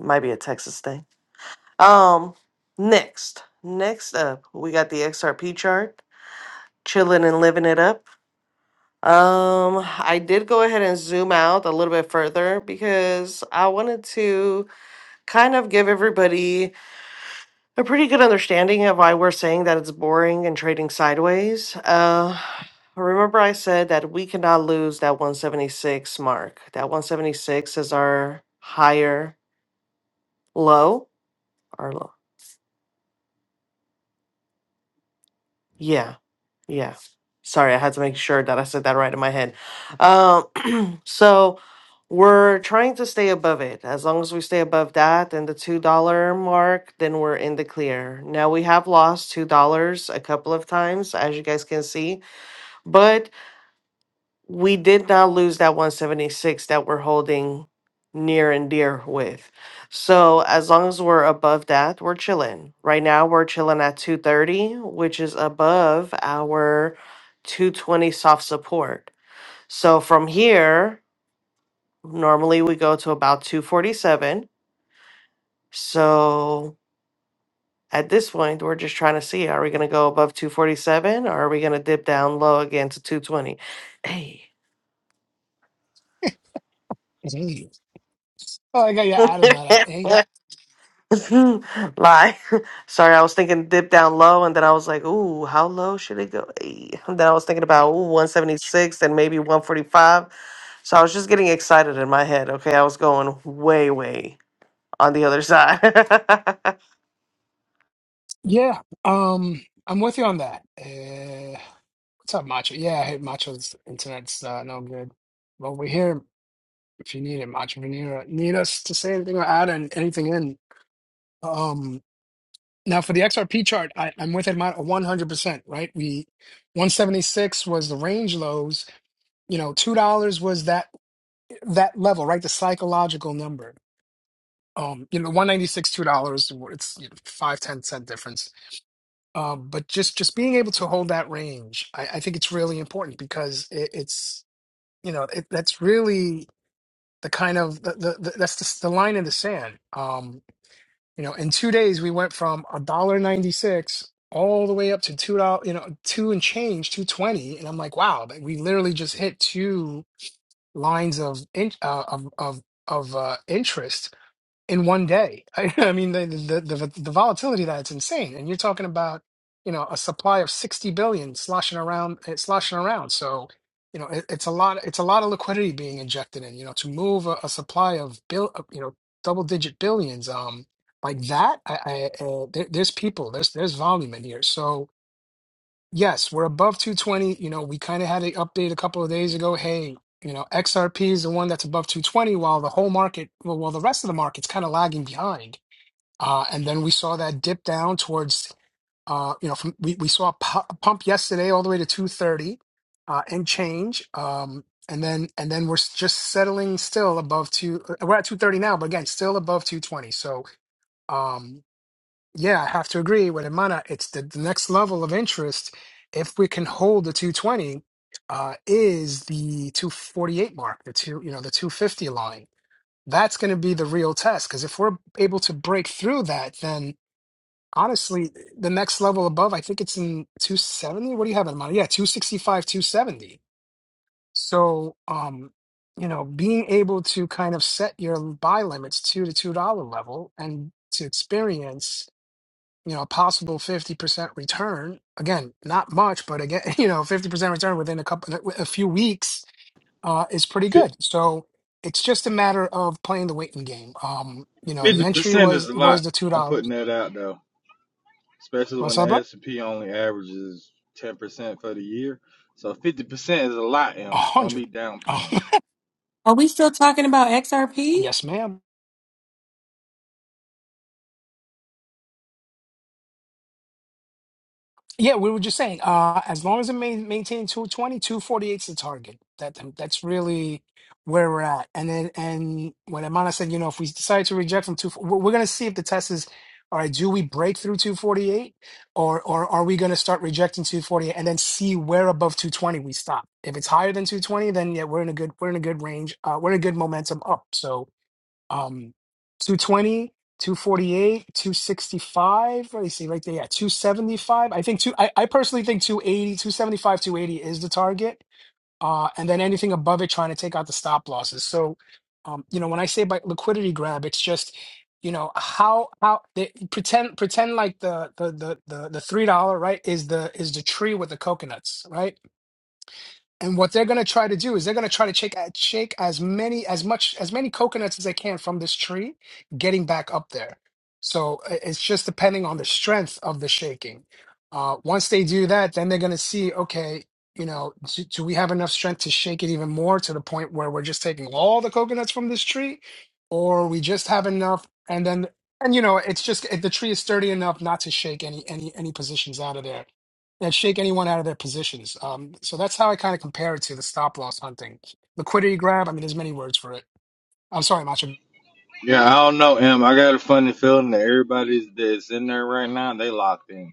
Might be a Texas thing. Um, next, next up, we got the XRP chart. chilling and living it up. Um, I did go ahead and zoom out a little bit further because I wanted to kind of give everybody a pretty good understanding of why we're saying that it's boring and trading sideways. Uh, remember, I said that we cannot lose that 176 mark. That 176 is our higher low. Our low. Yeah. Yeah. Sorry, I had to make sure that I said that right in my head. Um, So we're trying to stay above it. As long as we stay above that and the $2 mark, then we're in the clear. Now we have lost $2 a couple of times, as you guys can see, but we did not lose that 176 that we're holding near and dear with. So as long as we're above that, we're chilling. Right now we're chilling at 230, which is above our 220 soft support. So from here, Normally we go to about 247. So at this point, we're just trying to see are we going to go above 247 or are we going to dip down low again to 220? Hey.
Hey. Oh, I got you added that out. Hey,
[LAUGHS] Lie. [LAUGHS] Sorry, I was thinking dip down low, and then I was like, ooh, how low should it go? Ay. And then I was thinking about ooh, 176 and maybe 145. So I was just getting excited in my head. Okay, I was going way, way on the other side. [LAUGHS]
yeah, um, I'm with you on that. Uh, what's up, Macho? Yeah, hey, Macho's internet's uh, no good. Well, we're here if you need it, Macho. If you need, uh, need us to say anything or add an- anything in. Um, now for the XRP chart, I, I'm with it 100%, right? We 176 was the range lows you know two dollars was that that level right the psychological number um you know 196 two dollars it's you know, five ten cent difference um but just just being able to hold that range i, I think it's really important because it, it's you know it, that's really the kind of the, the, the that's the, the line in the sand um you know in two days we went from a dollar 96 all the way up to two dollars you know two and change 220 and i'm like wow like we literally just hit two lines of in, uh, of of of uh, interest in one day. [LAUGHS] I, mean, the, the the the volatility that's insane, and you're talking about you know a supply of sixty billion sloshing around, uh, sloshing around. So you know it, it's a lot. It's a lot of liquidity being injected in. You know, to move a, a supply of bill, of, you know, double digit billions, um, like that. I, I uh, there, there's people. There's there's volume in here. So Yes, we're above 220. You know, we kind of had an update a couple of days ago. Hey, you know, XRP is the one that's above 220, while the whole market, well, while the rest of the market's kind of lagging behind. Uh, and then we saw that dip down towards, uh, you know, from, we, we saw a pu- a pump yesterday all the way to 230 uh, and change. Um, and then and then we're s- just settling still above two. uh, We're at 230 now, but again, still above 220. So. Um, yeah, I have to agree with Imana. It's the, the next level of interest. If we can hold the 220, uh, is the 248 mark, the two, you know, the 250 line. That's going to be the real test because if we're able to break through that, then honestly, the next level above, I think it's in 270. What do you have in mind? Yeah, 265, 270. So, um, you know, being able to kind of set your buy limits to the $2 level and to experience you know, a possible 50% return. Again, not much, but again, [LAUGHS] you know, 50% return within a couple, a few weeks uh, is pretty good. So it's just a matter of playing the waiting game. Um, you know, the
Fifty
entry
percent is
was
a lot.
was the two
I'm putting
dollars.
that out though, especially
What's
when the
up, bro?
S and P only averages ten percent for the year. So fifty percent is a lot,
A
M. Don't
hundred.
be
[LAUGHS] Oh,
downplaying it.
Are we still talking about XRP?
yes, ma'am. Yeah, we were just saying, uh, as long as it main, maintains 220, 248 is the target. That that's really where we're at. And then and when Amana said, you know, if we decide to reject from two, we're we're gonna see if the test is, all right, do we break through 248, or or are we gonna start rejecting 248 and then see where above 220 we stop? If it's higher than 220, then yeah, we're in a good we're in a good range. Uh, we're in a good momentum up. So um two twenty, two forty 265 let me see right there yeah 275 i think two I, I personally think two eighty, two 280 is the target uh and then anything above it trying to take out the stop losses so um you know when i say by liquidity grab it's just you know how how they pretend pretend like the the the the, the three dollar right is the is the tree with the coconuts right and what they're going to try to do is they're going to try to shake, uh, shake as many as much as many coconuts as they can from this tree, getting back up there. So i- it's just depending on the strength of the shaking. Uh, once they do that, then they're going to see, okay, you know, do, do we have enough strength to shake it even more to the point where we're just taking all the coconuts from this tree, or we just have enough? And then, and you know, it's just if the tree is sturdy enough not to shake any any any positions out of there and shake anyone out of their positions. Um, so that's how I kind of compare it to the stop loss hunting, liquidity grab. I mean, there's many words for it. I'm sorry, Macho.
Yeah, I don't know, M. I got a funny feeling that everybody that's in there right now, they locked in.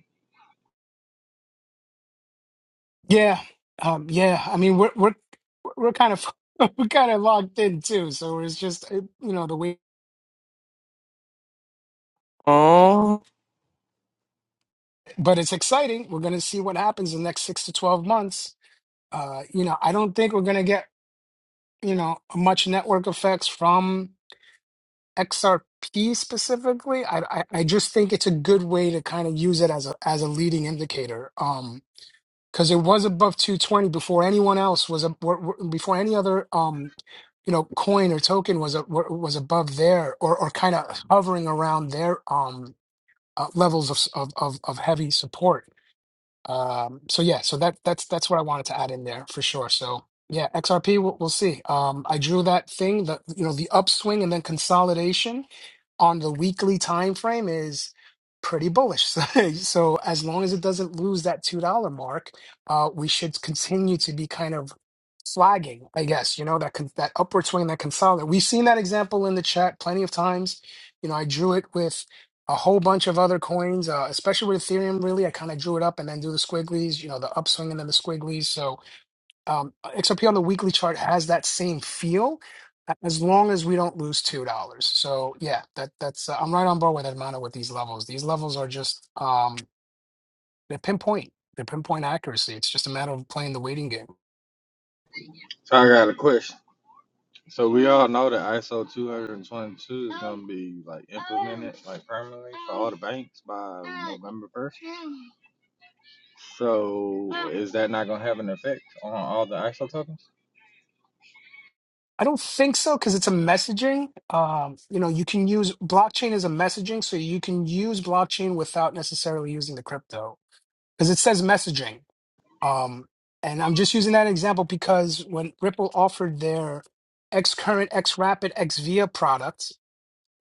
Yeah, um, yeah. I mean, we're we're we're kind of [LAUGHS] we're kind of locked in too. So it's just it, you know the way,
Oh.
but it's exciting. We're gonna see what happens in the next six to twelve months. Uh, you know, I don't think we're gonna get you know much network effects from XRP specifically. I I, I just think it's a good way to kind of use it as a as a leading indicator. Um, because it was above 220 before anyone else was a, were- were- before any other um you know coin or token was a, were- was above there or or kind of hovering around their um uh, levels of, s- of of of heavy support um, so yeah, so that that's that's what I wanted to add in there for sure. So yeah, XRP, we'll, we'll see. Um, I drew that thing, the you know the upswing and then consolidation on the weekly time frame is pretty bullish. [LAUGHS] So, so as long as it doesn't lose that two dollar mark, uh, we should continue to be kind of flagging, I guess. You know that con- that upward swing, that consolidate. We've seen that example in the chat plenty of times. You know, I drew it with a whole bunch of other coins, uh, especially with Ethereum. Really, I kind of drew it up and then do the squigglies, you know, the upswing and then the squigglies. So um, XRP on the weekly chart has that same feel, as long as we don't lose two dollars. So yeah, that that's uh, I'm right on board with Hermano with these levels. These levels are just um, they're pinpoint, they're pinpoint accuracy. It's just a matter of playing the waiting game.
So I got a question. So we all know that ISO 222 is gonna be like implemented like permanently for all the banks by November 1st. So is that not gonna have an effect on all the ISO tokens?
I don't think so because it's a messaging. Um, you know, you can use blockchain as a messaging, so you can use blockchain without necessarily using the crypto because it says messaging. Um, and I'm just using that example because when Ripple offered their X Current, X Rapid, X Via products,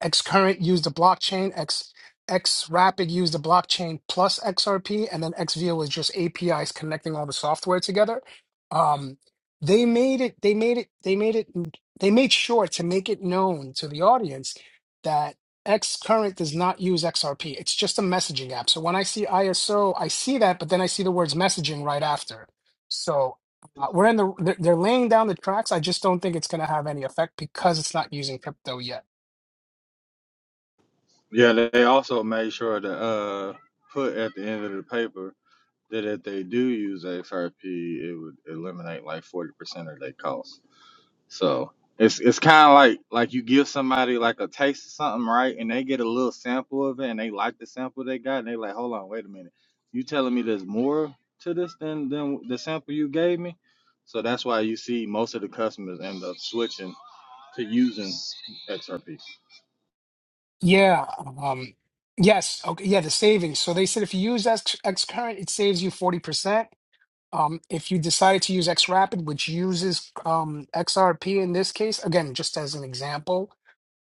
Xcurrent used the blockchain, X Xrapid used the blockchain plus XRP, and then XVIA was just APIs connecting all the software together. Um, they made it. They made it. They made it. They made sure to make it known to the audience that Xcurrent does not use XRP. It's just a messaging app. So when I see ISO, I see that, but then I see the words messaging right after. So uh, we're in the. They're they're laying down the tracks. I just don't think it's going to have any effect because it's not using crypto yet.
Yeah, they also made sure to uh put at the end of the paper that if they do use XRP, it would eliminate like forty percent of their cost. So it's it's kind of like like you give somebody like a taste of something, right? And they get a little sample of it, and they like the sample they got, and they like, hold on, wait a minute, you telling me there's more to this than than the sample you gave me? So that's why you see most of the customers end up switching to using XRP.
Yeah. Um, yes. Okay. Yeah. The savings. So they said if you use X, X current, it saves you 40%. Um, if you decide to use XRapid, which uses um, XRP in this case, again, just as an example,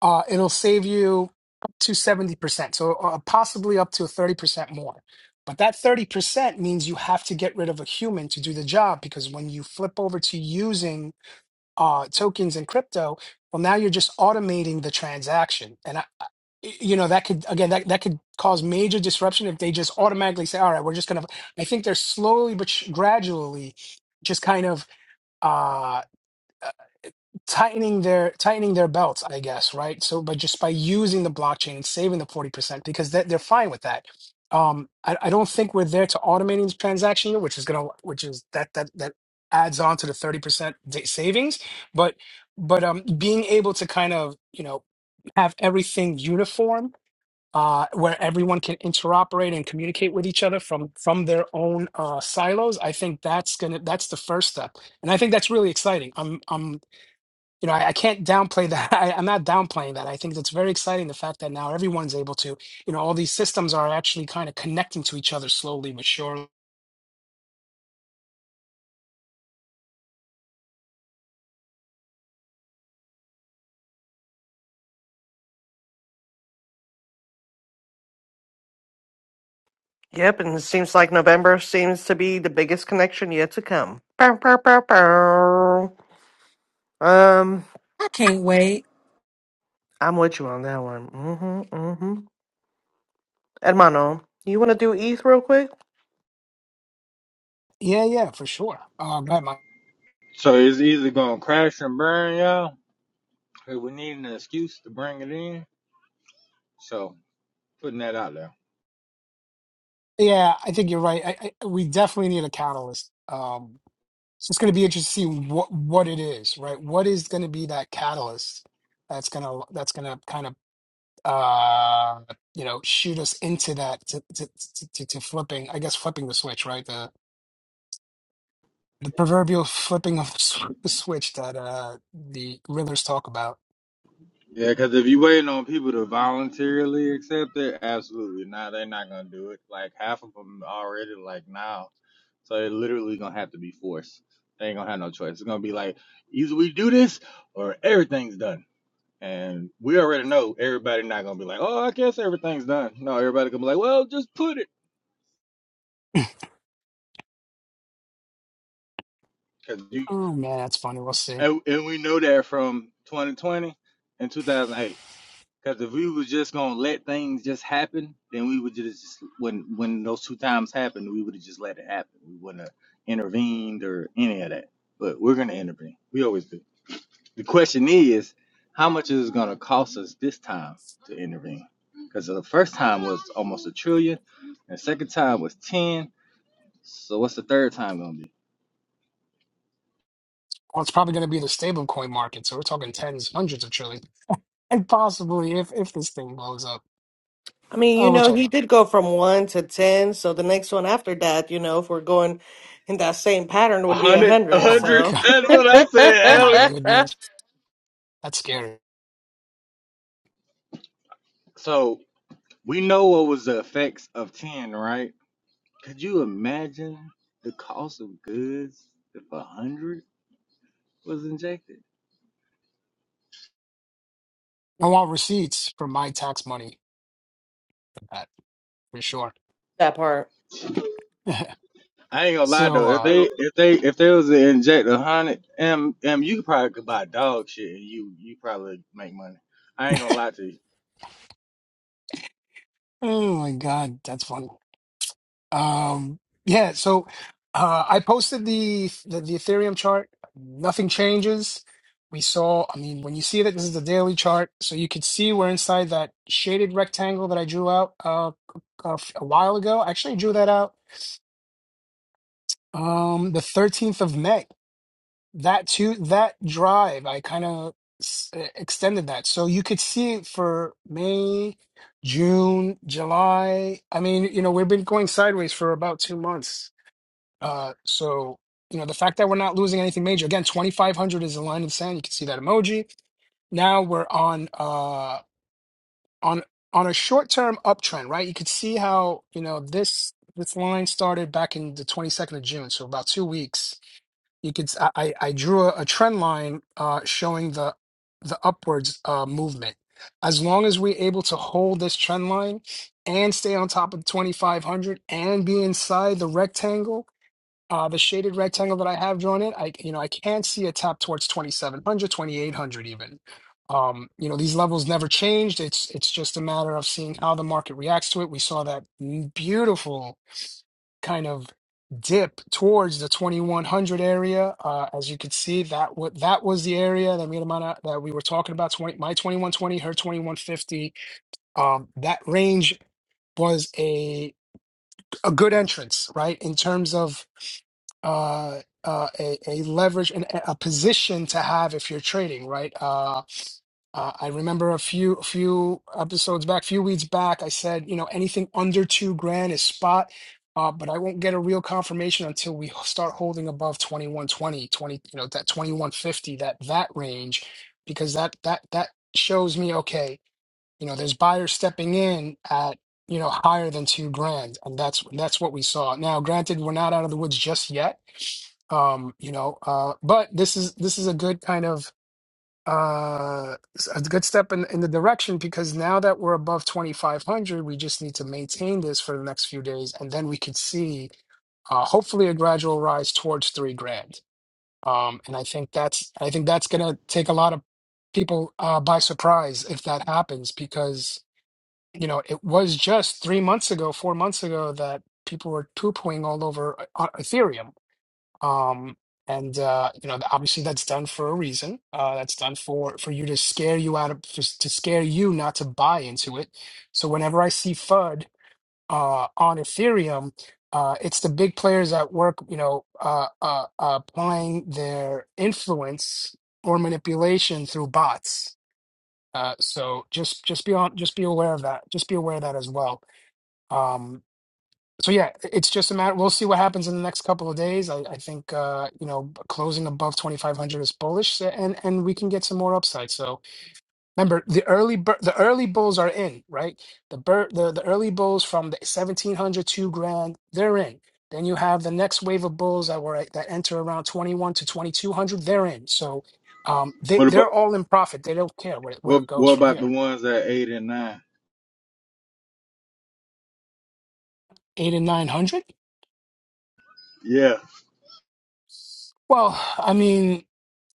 uh, it'll save you up to 70%, so uh, possibly up to 30% more. But that 30% means you have to get rid of a human to do the job because when you flip over to using uh, tokens and crypto, well, now you're just automating the transaction, and I, I- you know that could again that that could cause major disruption if they just automatically say, all right, we're just gonna. I think they're slowly but sh- gradually just kind of. Uh, tightening their tightening their belts, I guess, right? So, but just by using the blockchain and saving the forty percent, because they're, they're fine with that. Um, I, I don't think we're there to automating the transaction here, which is gonna, which is that that that adds on to the thirty percent savings. But but um, being able to kind of you know have everything uniform. Uh, where everyone can interoperate and communicate with each other from from their own uh, silos, I think that's gonna that's the first step, and I think that's really exciting. I'm. I'm you know, I, I can't downplay that. [LAUGHS] I, I'm not downplaying that. I think that's very exciting. The fact that now everyone's able to, you know, all these systems are actually kind of connecting to each other slowly but surely.
Yep, and it seems like November seems to be the biggest connection yet to come. Bow, bow, bow, bow. Um,
I can't wait.
I'm with you on that one. Mm-hmm, mm-hmm. Hermano, you want to do ETH real quick?
Yeah, yeah, for sure. Um, right, my,
So it's either gonna crash and burn, y'all. Cause we need an excuse to bring it in. So putting that out there.
yeah, I think you're right. I, I, we definitely need a catalyst. Um, it's just going to be interesting to see what what it is, right? What is going to be that catalyst that's gonna that's gonna kind of uh you know shoot us into that to to, to to to flipping i guess flipping the switch right the proverbial flipping of the sw- [LAUGHS] switch that uh, the Riddlers talk about.
Yeah, cause if you waiting on people to voluntarily accept it, absolutely not. They're not gonna do it. Like half of them already like now. So it literally gonna have to be forced. They ain't gonna have no choice. It's gonna be like either we do this or everything's done. And we already know everybody not gonna be like, oh, I guess everything's done. No, everybody gonna be like, well, just put it because you
Oh man, that's funny. We'll see.
And, and we know that from 2020 and 2008. Because if we was just gonna let things just happen, then we would just when when those two times happened, we would have just let it happen. We wouldn't have intervened or any of that. But we're gonna intervene. We always do. The question is, how much is it gonna cost us this time to intervene? Because the first time was almost a trillion, and the second time was ten. So what's the third time gonna be?
Well, it's probably going to be the stable coin market, so we're talking tens, hundreds of trillions. and possibly if if this thing blows up,
I mean,
uh,
you
which
know,
I
he
don't.
did go from 1 to 10, so the next one after that, you know, if we're going in that same pattern,
A
would be a
hundred, a
100,
Oh my [LAUGHS]
hundred.
so.
god,
[LAUGHS]
That's what I said,
my
Alex.
goodness,
that
that's scary.
So We know what was the effects of 10, right? Could you imagine the cost of goods if a hundred was injected?
I want receipts for my tax money for that for sure.
part.
[LAUGHS]
I ain't gonna lie
so,
though, if
uh,
they if they if they was to inject a hundred M M you probably could buy dog shit and you you probably make money. I ain't gonna lie to you.
oh my god, that's funny. Um, yeah. So, uh, I posted the, the the Ethereum chart. Nothing changes. We saw. I mean, when you see that this is the daily chart, so you could see we're inside that shaded rectangle that I drew out uh, a, a while ago. I Actually, drew that out Um, the 13th of May. That too, that drive, I kind of extended that. So you could see it for May, June, July. I mean, you know, we've been going sideways for about two months. Uh, so, you know, the fact that we're not losing anything major, again, 2,500 is the line in the sand. You can see that emoji. Now we're on, uh, on, on a short-term uptrend, right? You could see how, you know, this, this line started back in the 22nd of June. So about two weeks you could s- I, I I drew a, a trend line uh, showing the the upwards uh, movement. As long as we're able to hold this trend line and stay on top of 2500 and be inside the rectangle, uh, the shaded rectangle that I have drawn in, I you know I can't see a tap towards 2700, 2800 even. Um, you know these levels never changed. It's it's just a matter of seeing how the market reacts to it. We saw that beautiful kind of dip towards the 2100 area. Uh, as you could see, that what that was the area that me and Amanda, that we were talking about. 20, my 2120, her 2150. Um, that range was a a good entrance, right? In terms of uh, uh, a, a leverage and a a position to have if you're trading, right? Uh, uh, I remember a few a few episodes back, few weeks back, I said, you know, anything under two grand is spot, uh, but I won't get a real confirmation until we start holding above 2120 20, you know, that 2150, that that range, because that that that shows me, okay, you know, there's buyers stepping in at, you know, higher than two grand, and that's that's what we saw. Now, granted, we're not out of the woods just yet, um, you know, uh, but this is this is a good kind of uh s- a good step in in the direction because now that we're above 2500 we just need to maintain this for the next few days and then we could see uh hopefully a gradual rise towards 3 grand um and i think that's i think that's going to take a lot of people uh by surprise if that happens because you know it was just 3 months ago 4 months ago that people were poo-pooing all over uh, ethereum um, and uh, you know, obviously that's done for a reason. Uh, that's done for for you to scare you out of for, to scare you not to buy into it. So whenever I see FUD uh, on Ethereum, uh, it's the big players at work, you know, uh, uh, uh, applying their influence or manipulation through bots. Uh, so just just be on, just be aware of that. Just be aware of that as well. Um. So yeah, it's just a matter. We'll see what happens in the next couple of days. I, I think uh, you know closing above twenty five hundred is bullish, and and we can get some more upside. So remember, the early bir- the early bulls are in, right? The bir- the the early bulls from the seventeen hundred two grand, they're in. Then you have the next wave of bulls that were at- that enter around twenty one to twenty two hundred, they're in. So um, they
What about
they're all in profit. They don't care where where
what
it goes
what
from
about the
here.
ones at eight and nine?
Eight and nine hundred.
Yeah.
Well, I mean,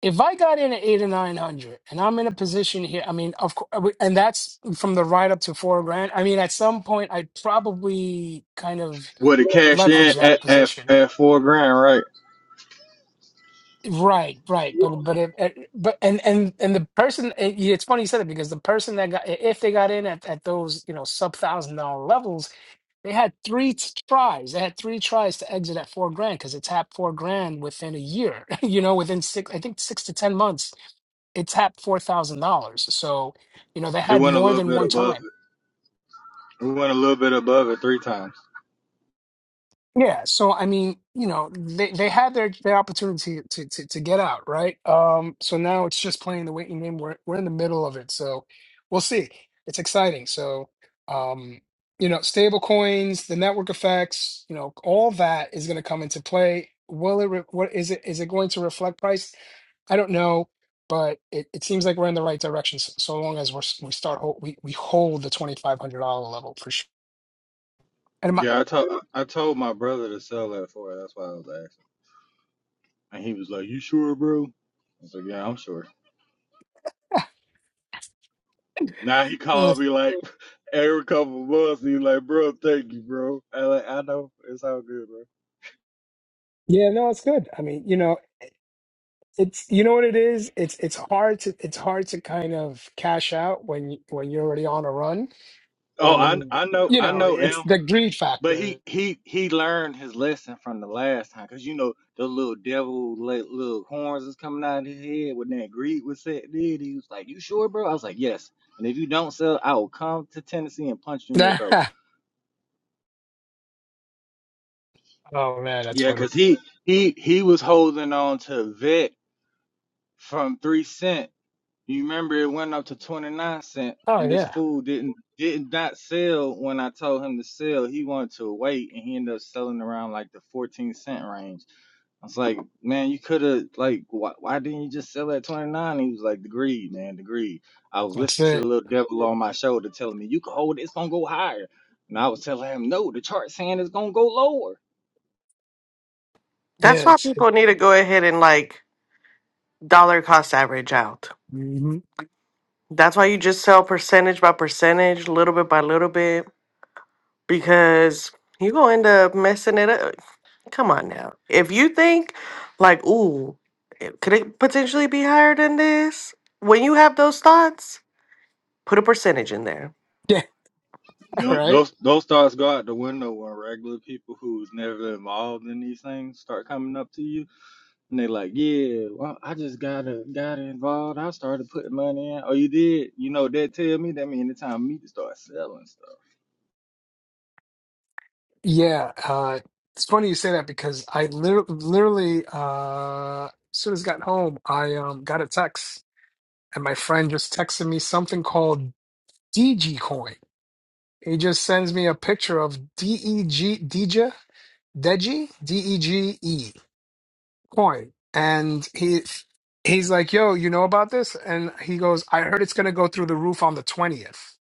if I got in at eight or nine hundred, and I'm in a position here, I mean, of course, and that's from the ride up to four grand. I mean, at some point, I'd probably kind of
What it cashed
leverage
in at,
that
at
position.
at four grand, right?
Right, right. But but if, eh, but and and and the person, eh, yeah, it's funny you said it because the person that got if they got in at at those you know sub thousand dollar levels, they had three t- tries. They had three tries to exit at four grand because it tapped four grand within a year. [LAUGHS] You know, within six, I think six to ten months it tapped four thousand dollars. So, you know, they
It
had
went a
more
little
than
bit
one
above
time.
it. It went a little bit above it three times.
Yeah, so I mean, you know, they, they had their, their opportunity to, to to get out, right? Um, so now it's just playing the waiting game. We're we're in the middle of it, so we'll see. It's exciting. So, um, you know, stable coins, the network effects, you know, all that is going to come into play. Will it? Re- what is it? Is it going to reflect price? I don't know, but it, it seems like we're in the right direction. So, so long as we're s- we start hold, we we hold the twenty five hundred dollar level for sure. And my,
Yeah, I told I told my brother to sell that for her. That's why I was asking, and he was like, "You sure, bro?" I was like, "Yeah, I'm sure." Now he
uh,
called me like [LAUGHS] every couple of months. He's like, "Bro, thank you, bro." I like, I know it's all good, bro.
Yeah, no, it's good. I mean, you know. It's you know what it is. It's it's hard to it's hard to kind of cash out when you- when you're already on a run,
Oh, I
and
I know
you
I
know
know
it's
him,
the greed
but
factor.
he he he learned his lesson from the last time, cause you know the little devil like, little horns is coming out of his head when that greed was set. Did he was like, "You sure, bro?" I was like, "Yes." And if you don't sell, I will come to Tennessee and punch you
[LAUGHS]
in your throat.
oh man, that's
Yeah,
funny.
cause he he he was holding on to Vic from three cent. You remember it went up to twenty nine cent,
Oh
and this
yeah,
fool didn't did not sell when I told him to sell. He wanted to wait, and he ended up selling around like the fourteen cent range. I was like, man, you could have like, why, why didn't you just sell at twenty nine? He was like, the greed, man, the greed. I was
that's
listening to the
it.
little devil on my shoulder telling me you can hold it, it's gonna go higher, and I was telling him no, the chart saying it's gonna go lower.
That's
Yeah,
why
it's it,
people need to go ahead and, like, dollar cost average out.
mhm.
That's why you just sell percentage by percentage, little bit by little bit, because you're gonna end up messing it up. Come on now. If you think like, ooh, it- could it potentially be higher than this? When you have those thoughts, put a percentage in there.
[LAUGHS] yeah
No,
right.
those those thoughts go out the window when regular people who's never involved in these things start coming up to you and they like, yeah, well, I just gotta got involved. I started putting money in. Oh, you did? You know what that tell me that mean it's time for me to start selling stuff.
Yeah, uh, it's funny you say that because I literally, literally uh, as soon as I got home, I um, got a text, and my friend just texted me something called DG He just sends me a picture of DEG Deja Deji DEGE coin, and he he's like, "Yo, you know about this?" And he goes, "I heard it's gonna go through the roof on the twentieth."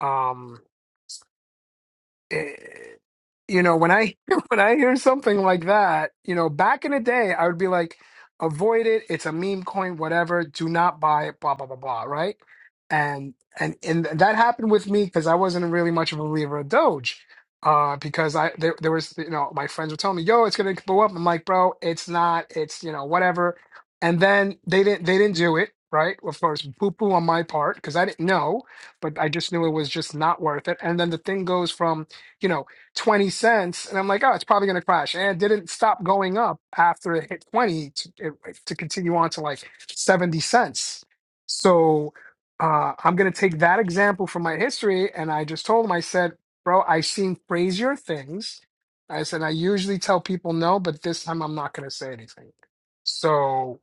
Um. eh, you know, when I [LAUGHS] when I hear something like that, you know, back in the day, I would be like, avoid it. It's a meme coin, whatever. Do not buy it. Blah blah blah blah. Right? And and and that happened with me because I wasn't really much of a believer of Doge. Uh, because I there, there was you know my friends were telling me yo it's gonna blow up I'm like bro it's not it's you know whatever and then they didn't they didn't do it right of course poo poo on my part because I didn't know but I just knew it was just not worth it and then the thing goes from you know, 20 cents. And I'm like, oh, it's probably going to crash. And it didn't stop going up after it hit 20 to, it, to continue on to like 70 cents. So uh, I'm going to take that example from my history. And I just told him, I said, bro, I've seen crazier things. I said, I usually tell people no, but this time I'm not going to say anything. So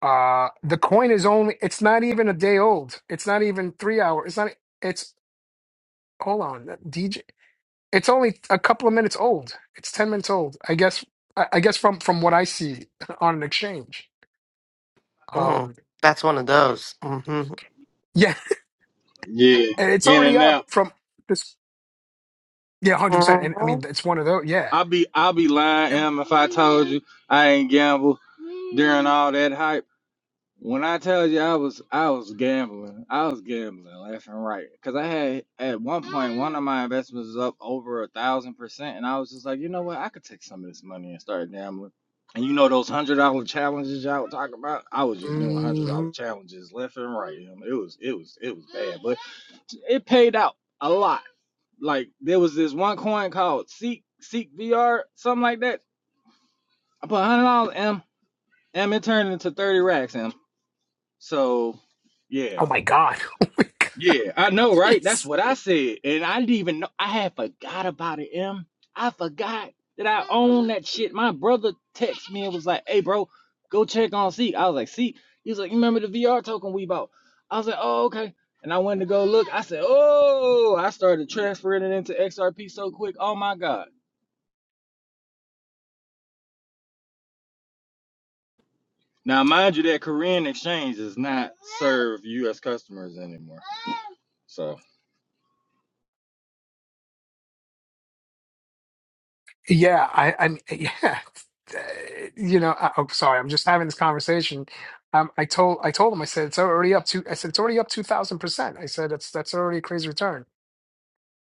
uh, the coin is only, it's not even a day old. It's not even three hours. It's not, it's, hold on. It's only a couple of minutes old. It's 10 minutes old. I guess I I guess from from what I see [LAUGHS] on an exchange.
Mm,
Um
that's one of those. hmm
yeah,
Yeah,
[LAUGHS] and it's
in
already
and
up
out.
from this yeah, 100%. And I
hmm
mean, it's one of those, yeah.
I'll be I'll be lying, Em, if I told you I ain't gamble during all that hype. When I tell you I was I was gambling, I was gambling left and right. Cause I had at one point one of my investments was up over a thousand percent, and I was just like, you know what, I could take some of this money and start gambling. And you know those hundred dollar challenges y'all talking about? I was just doing hundred dollar
hmm
challenges left and right. you know, It was it was it was bad, but it paid out a lot. Like there was this one coin called Seek Seek VR, something like that. I put hundred dollars M M it turned into thirty racks M. So yeah.
Oh my god. [LAUGHS] Oh my god.
Yeah, I know, right? That's
Jeez.
what I said. And I didn't even know I had forgot about it, M. I forgot that I own that shit. My brother texted me and was like, hey bro, go check on Seek. I was like, Seek? He was like, You remember the VR token we bought? I was like, Oh, okay. And I went to go look. I said, Oh, I started transferring it into XRP so quick. Oh my God. Now mind you that Korean exchange does not serve US customers anymore. So
Yeah, I I mean, [LAUGHS] yeah. Uh, You know, I, oh sorry, I'm just having this conversation. Um I told I told him I said it's already up to I said it's already up 2000%. I said that's that's already a crazy return.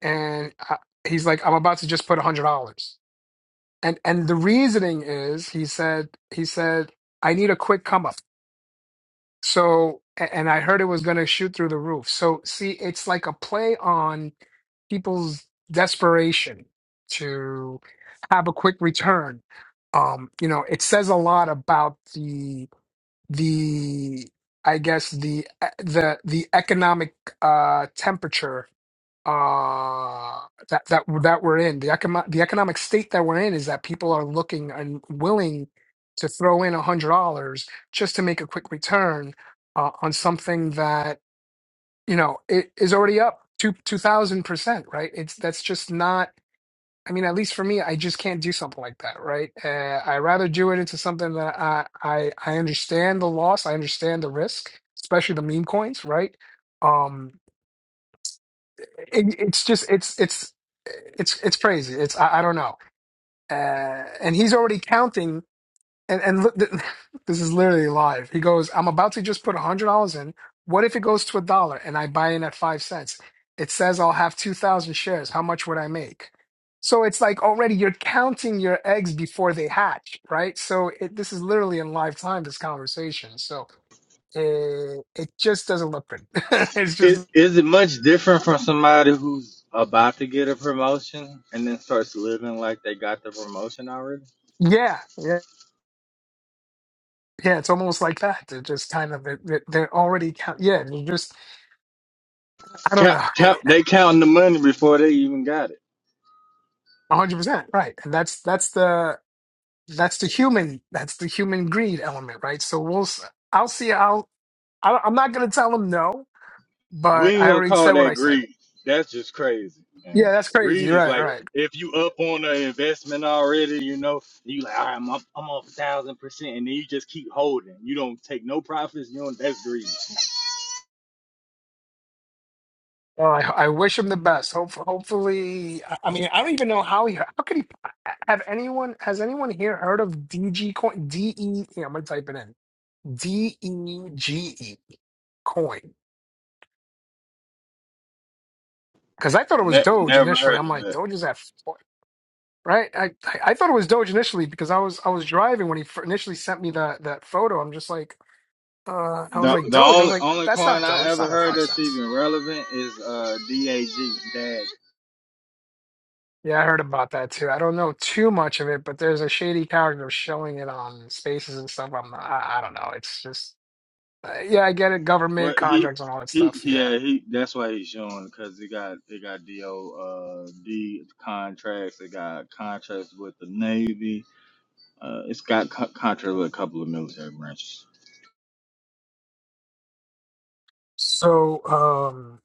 and I, he's like, "I'm about to just put a hundred dollars." And and the reasoning is, he said, he said, "I need a quick come up." So a- and I heard it was going to shoot through the roof. So see, it's like a play on people's desperation to have a quick return. Um, you know, it says a lot about the the I guess the e, the the economic uh temperature uh that that that we're in the economic the economic state that we're in is that people are looking and willing to throw in a hundred dollars just to make a quick return uh, on something that you know it is already up two two thousand percent right it's that's just not I mean at least for me I just can't do something like that right uh, I rather do it into something that I I I understand the loss I understand the risk especially the meme coins right um it, it's just it's it's it's it's crazy. It's I, I don't know. Uh, and he's already counting. And and look, [LAUGHS] this is literally live. He goes, "I'm about to just put a hundred dollars in. What if it goes to a dollar and I buy in at five cents? It says I'll have two thousand shares. How much would I make?" So it's like already you're counting your eggs before they hatch, right? So it, this is literally in live time. This conversation. So it it just doesn't look good. [LAUGHS] it's
Is
just
is it much different from somebody who's about to get a promotion and then starts living like they got the promotion already?
yeah, yeah, Yeah, it's almost like that. They're just kind of they're, they're already count. Yeah, they're just I don't
Cap,
know, [LAUGHS]
cap, they counting the money before they even got it.
one hundred percent right. And that's that's the that's the human that's the human greed element, right? So we'll s- I'll see. I'll I, I'm not gonna tell him no,
We
but
ain't
I
gonna
already said
call
what I
that
said.
greed. That's just crazy.
Yeah,
Man.
that's crazy.
Greed is
Right,
like
right.
if you up on the investment already, you know, you like, all right, I'm up, I'm up a thousand percent, and then you just keep holding. You don't take no profits. You don't. That's greed.
Well, I, I wish him the best. Hope, hopefully, I I mean, I don't even know how he. How could he have anyone? Has anyone here heard of DG coin? D E. Yeah, I'm gonna type it in. D E G E coin. because I thought it was
Ne-
Doge
never
initially.
heard
I'm
of
like,
that.
Doge is at four, right? I, I I thought it was Doge initially because I was I was driving when he fir- initially sent me that that photo. I'm just like, uh, I was
The
like
the
Doge. I was
only
like,
only
that's
coin
not
I
Doge. It's
ever
not at
heard
five
that's
cents.
even relevant is uh DAG Dag.
Yeah, I heard about that too. I don't know too much of it, but there's a shady character showing it on spaces and stuff. I'm not, I, I don't know. It's just uh, yeah, I get it. Government
What he
contracts and all that
he
stuff. Yeah.
yeah he that's why he's showing because he got he got do uh D contracts. They got contracts with the Navy. Uh, it's got co- contracts with a couple of military branches.
So um,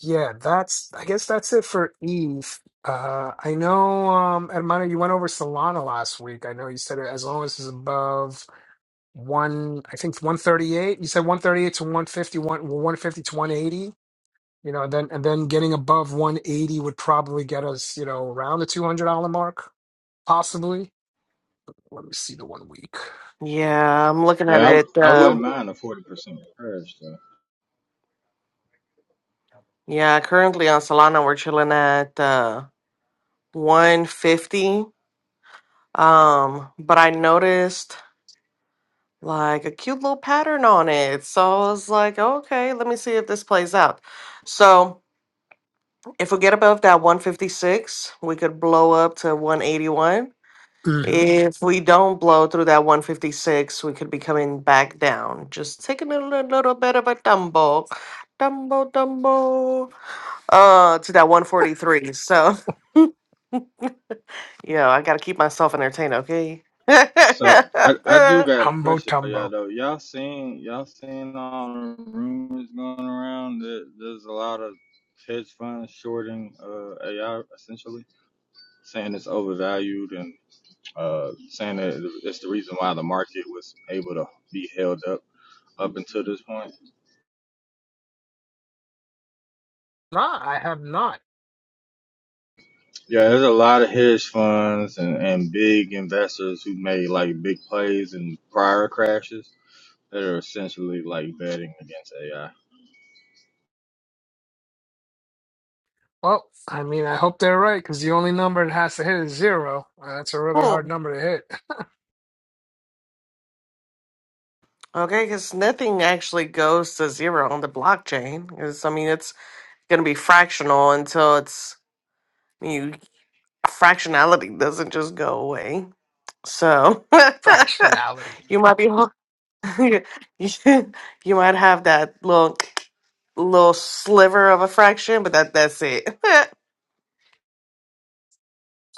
Yeah, that's I guess that's it for Eve. Uh I know um Hermano, you went over Solana last week. I know you said it as long as it's above one I think one thirty eight. You said one thirty eight to one fifty one well, one fifty to one eighty. You know, and then and then getting above one eighty would probably get us, you know, around the two hundred dollar mark, possibly. Let me see the one week.
Yeah, I'm looking at
Yeah,
it.
I, I wouldn't
Um,
mind a forty percent purge though.
yeah, currently on Solana, we're chilling at uh, 150. Um, but I noticed like a cute little pattern on it. So I was like, okay, let me see if this plays out. So if we get above that 156, we could blow up to 181.
Mhm.
If we don't blow through that 156, we could be coming back down. Just taking a little, little bit of a tumble. tumble, tumble, uh, to that 143. So, [LAUGHS] yeah, I gotta keep myself entertained, okay?
So
[LAUGHS]
I I do got a
Humbo
question for y'all
tumbo.
though. Y'all seen y'all seen all the rumors going around that there's a lot of hedge funds shorting uh AI essentially, saying it's overvalued and uh saying that it's the reason why the market was able to be held up up until this point.
Nah, I have not.
Yeah, there's a lot of hedge funds and, and big investors who made like big plays in prior crashes that are essentially like betting against AI.
Well, I mean, I hope they're right because the only number it has to hit is zero. Uh, That's a really
Oh,
hard number to hit.
Okay, because nothing actually goes to zero on the blockchain. Because I mean, it's going to be fractional until it's you. Fractionality doesn't just go away. So
[LAUGHS] Fractionality.
[LAUGHS] you might be ho- [LAUGHS] you you might have that little little sliver of a fraction, but that that's it. [LAUGHS]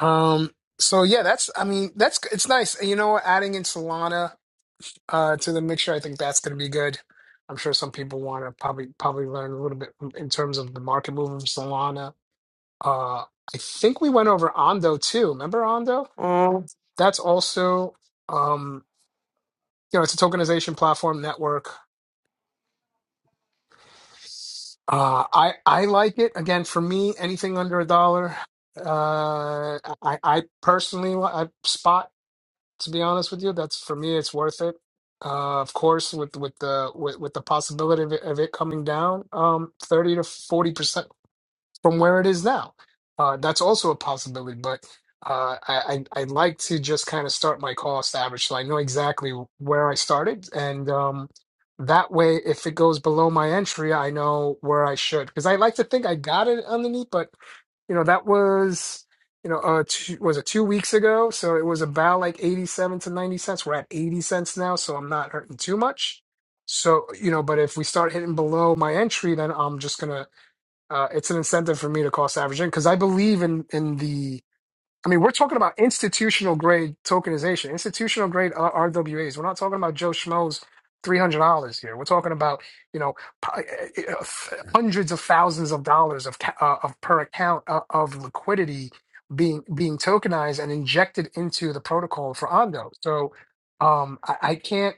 Um. So yeah, that's. I mean, that's. It's nice. And you know, what? adding in Solana uh, to the mixture, I think that's going to be good. I'm sure some people want to probably probably learn a little bit in terms of the market move of Solana. Uh, I think we went over Ondo too. Remember Ondo?
Mm.
That's also um, you know, it's a tokenization platform network. Uh, I I like it. Again, for me, anything under a dollar, uh, I I personally li- I spot. To be honest with you, that's for me. It's worth it. Uh, of course, with with the with, with the possibility of it, of it coming down, um, thirty to 40%, 40 percent from where it is now. Uh, that's also a possibility, but uh, I, I I like to just kind of start my cost average, so I know exactly where I started, and um, that way, if it goes below my entry, I know where I should. Because I like to think I got it underneath, but you know that was you know uh two, was it two weeks ago, so it was about like eighty seven to ninety cents. We're at eighty cents now, so I'm not hurting too much. So you know, but if we start hitting below my entry, then I'm just gonna uh, it's an incentive for me to cost average in because I believe in in the. I mean, we're talking about institutional grade tokenization, institutional grade uh, R- RWAs. We're not talking about Joe Schmo's three hundred dollars here. We're talking about you know p- uh, uh, uh, hundreds of thousands of dollars of ca- uh, of per account uh, of liquidity being being tokenized and injected into the protocol for Ondo. So um, I, I can't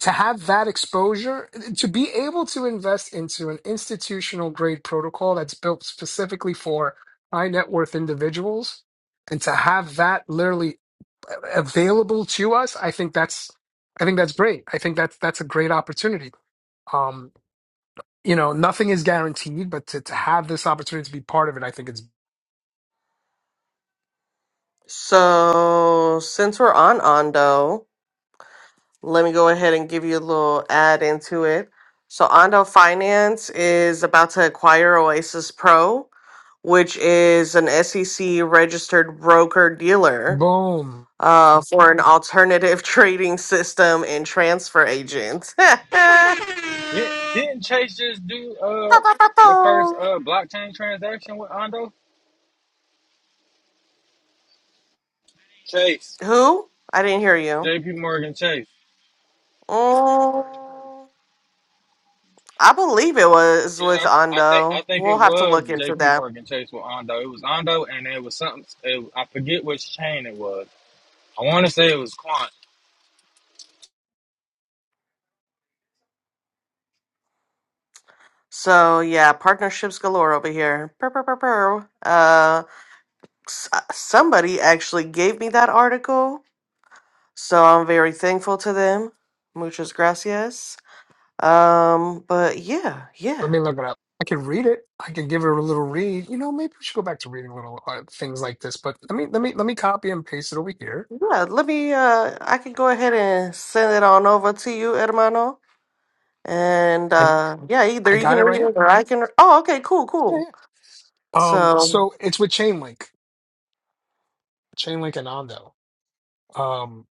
to have that exposure, to be able to invest into an institutional grade protocol that's built specifically for high net worth individuals, and to have that literally available to us, I think that's, I think that's great. I think that's that's a great opportunity. Um, you know, nothing is guaranteed, but to, to have this opportunity to be part of it, I think it's
So since we're on Ondo. Let me go ahead and give you a little add into it. So, Ondo Finance is about to acquire Oasis Pro, which is an SEC registered broker dealer
boom.
uh, for an alternative [LAUGHS] trading system and transfer agent. [LAUGHS]
Did, didn't Chase just do uh the first uh blockchain transaction with Ondo? Chase.
Who? I didn't hear you.
J.P. Morgan Chase.
Mm, I believe it was with
Yeah, I, th- I think I
Ondo.
think
We'll
it
have to
was
look into
J.P.
that.
Morgan Chase with Ondo. It was Ondo, and it was something. It, I forget which chain it was. I want to say it was Quant.
So yeah, partnerships galore over here. Purr, purr, purr, purr. Uh, s- uh, somebody actually gave me that article, so I'm very thankful to them. Muchas gracias. Um, but yeah,
Let
yeah,
me look it up. I can read it. I can give it a little read. You know, maybe we should go back to reading little uh, things like this. But let me let me let me copy and paste it over here
yeah. Let me. Uh, I can go ahead and send it on over to you, hermano. And
I
uh, yeah, either
I
you
got
can
it
read
right
it
here.
or I can. Oh, okay, cool,
Yeah,
cool.
yeah. Um,
So
so it's with Chainlink, Chainlink and Ondo. Um,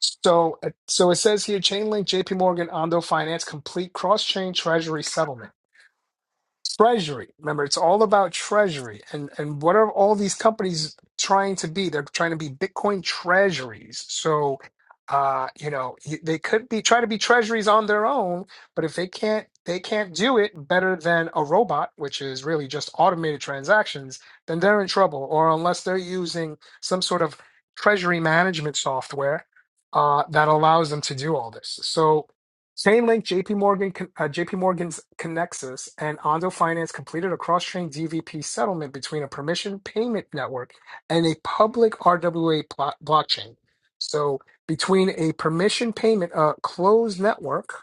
so uh, so it says here Chainlink, J.P. Morgan, Ondo Finance, complete cross-chain treasury settlement. treasury remember it's all about treasury and and what are all these companies trying to be they're trying to be bitcoin treasuries so uh you know y- they could be try to be treasuries on their own but if they can't they can't do it better than a robot which is really just automated transactions then they're in trouble or unless they're using some sort of treasury management software uh that allows them to do all this so Chainlink, JP Morgan, uh, JP Morgan's Connexus, and Ondo Finance completed a cross-chain DVP settlement between a permission payment network and a public RWA pl- blockchain. So, between a permission payment uh, closed network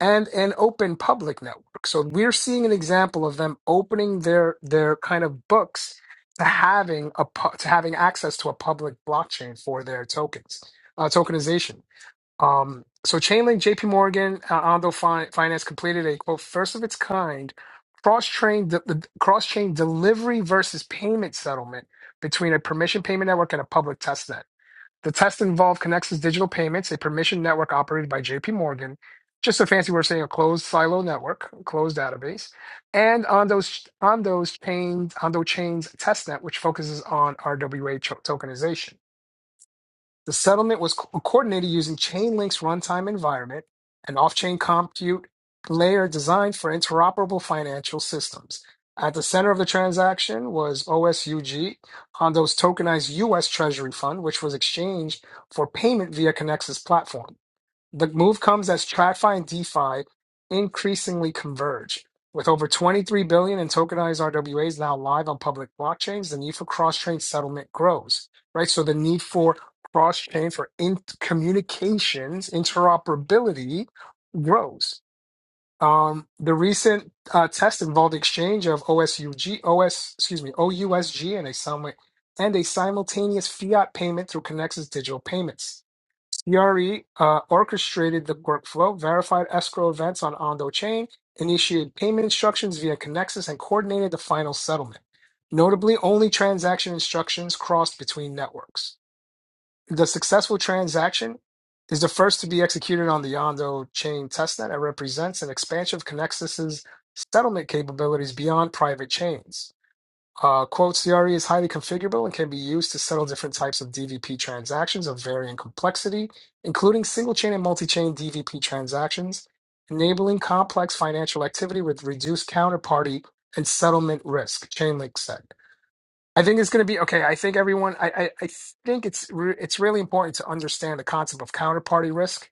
and an open public network. So, we're seeing an example of them opening their their kind of books to having a pu- to having access to a public blockchain for their tokens, uh, tokenization. Um, so Chainlink, JP Morgan, uh, Ondo Fin- Finance completed a quote first of its kind cross-chain de- the cross-chain delivery versus payment settlement between a permission payment network and a public test net. The test involved Connexus Digital Payments, a permission network operated by JP Morgan, just a fancy word saying a closed silo network, closed database, and Ondo's Ondo's chain Ondo Chain's testnet, which focuses on RWA cho- tokenization. The settlement was co- coordinated using Chainlink's runtime environment, an off-chain compute layer designed for interoperable financial systems. At the center of the transaction was OSUG, Hondo's tokenized U.S. Treasury fund, which was exchanged for payment via Connexus platform. The move comes as TradFi and DeFi increasingly converge. With over 23 billion in tokenized RWAs now live on public blockchains, the need for cross-chain settlement grows, right? So the need for cross-chain for in- communications interoperability grows. Um, the recent uh, test involved exchange of OSUG, OS, excuse me, OUSG and a, sim- and a simultaneous fiat payment through Connex's digital payments. Yari uh, orchestrated the workflow, verified escrow events on Ondo Chain, initiated payment instructions via Connexus, and coordinated the final settlement. Notably, only transaction instructions crossed between networks. The successful transaction is the first to be executed on the Ondo Chain testnet and represents an expansion of Connexus's settlement capabilities beyond private chains. Uh, quote, CRE is highly configurable and can be used to settle different types of DVP transactions of varying complexity, including single chain and multi chain DVP transactions, enabling complex financial activity with reduced counterparty and settlement risk. Chainlink said. I think it's going to be okay. I think everyone, I, I, I think it's, re- it's really important to understand the concept of counterparty risk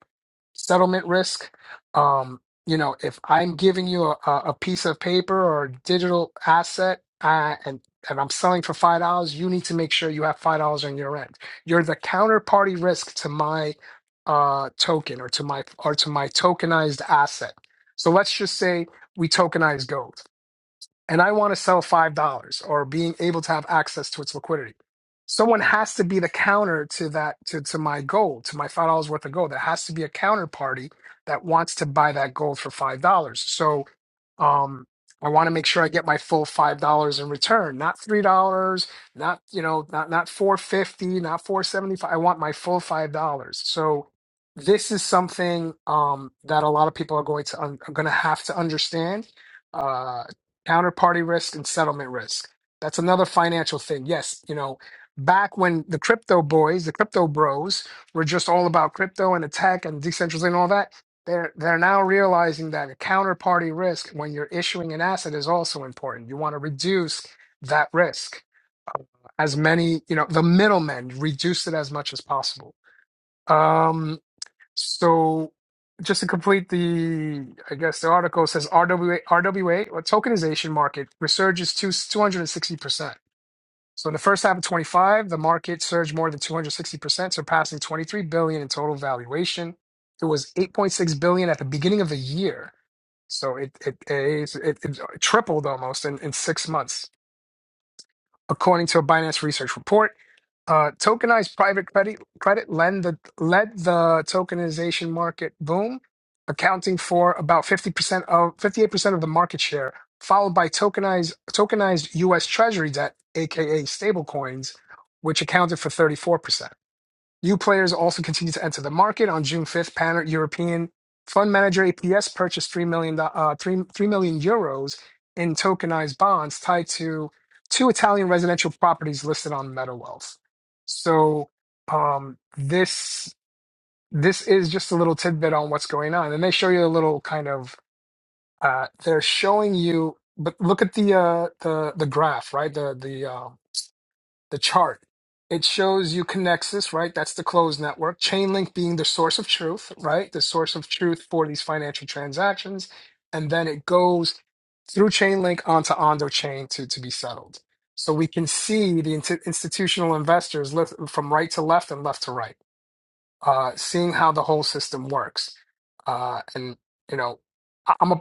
settlement risk. Um, you know, if I'm giving you a, a a piece of paper or a digital asset uh, and and I'm selling for five dollars, you need to make sure you have five dollars on your end. You're the counterparty risk to my uh, token or to my or to my tokenized asset. So let's just say we tokenize gold and I want to sell $5 or being able to have access to its liquidity. Someone has to be the counter to that, to, to my gold, to my $5 worth of gold. There has to be a counterparty that wants to buy that gold for $5. So um, I want to make sure I get my full $5 in return, not $3, not, you know, not, not 450, not 475. I want my full $5. So this is something um, that a lot of people are going to, un- are going to have to understand Uh, counterparty risk and settlement risk. That's another financial thing. Yes, you know, back when the crypto boys, the crypto bros were just all about crypto and attack and decentralization and all that, they're they're now realizing that a counterparty risk when you're issuing an asset is also important. You want to reduce that risk as many, you know, the middlemen, reduce it as much as possible. Um. So just to complete the, I guess the article says RWA, RWA or tokenization market resurges to 260%. So in the first half of 25, the market surged more than 260%, surpassing 23 billion in total valuation. It was 8.6 billion at the beginning of the year. So it it, it, it, it tripled almost in, in six months. According to a Binance research report, uh, tokenized private credit credit lend the, led the tokenization market boom, accounting for about 50% of 58% of the market share, followed by tokenized tokenized US Treasury debt, aka stablecoins, which accounted for 34%. New players also continue to enter the market. On June 5th, Pan European fund manager APS purchased 3 million, uh, 3, 3 million euros in tokenized bonds tied to two Italian residential properties listed on MetaWealth. So um, this this is just a little tidbit on what's going on, and they show you a little kind of uh, they're showing you. But look at the uh, the the graph, right? The the uh, the chart. It shows you Connexus, right? That's the closed network. Chainlink being the source of truth, right? The source of truth for these financial transactions. And then it goes through Chainlink onto Ondo Chain to, to be settled. So we can see the int- institutional investors lift from right to left and left to right, uh, seeing how the whole system works. Uh, and, you know, I- I'm a.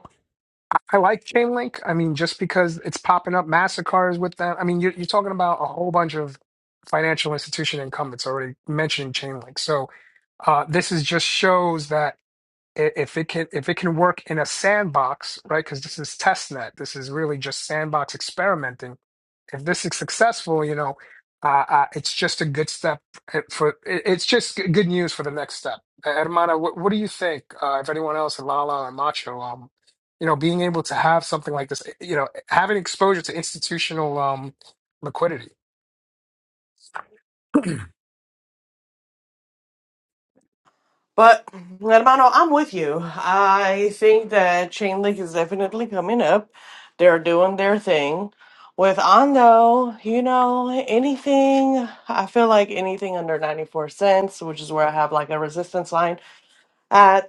I like Chainlink. I mean, just because it's popping up Mastercards with them. I mean, you're, you're talking about a whole bunch of financial institution incumbents already mentioning Chainlink. So uh, this is just shows that i- if it can if it can work in a sandbox, right? Because this is test net. This is really just sandbox experimenting if this is successful, you know, uh, uh, it's just a good step eh, for. it- It's just g- good news for the next step. Uh, Hermana, what, what do you think? Uh, if anyone else, and Lala and Macho, um, you know, being able to have something like this, eh, you know, having exposure to institutional um, liquidity.
But Hermano, I'm with you. I think that Chainlink is definitely coming up. They're doing their thing. With Ondo, you know, anything I feel like anything under ninety four cents, which is where I have like a resistance line. Uh,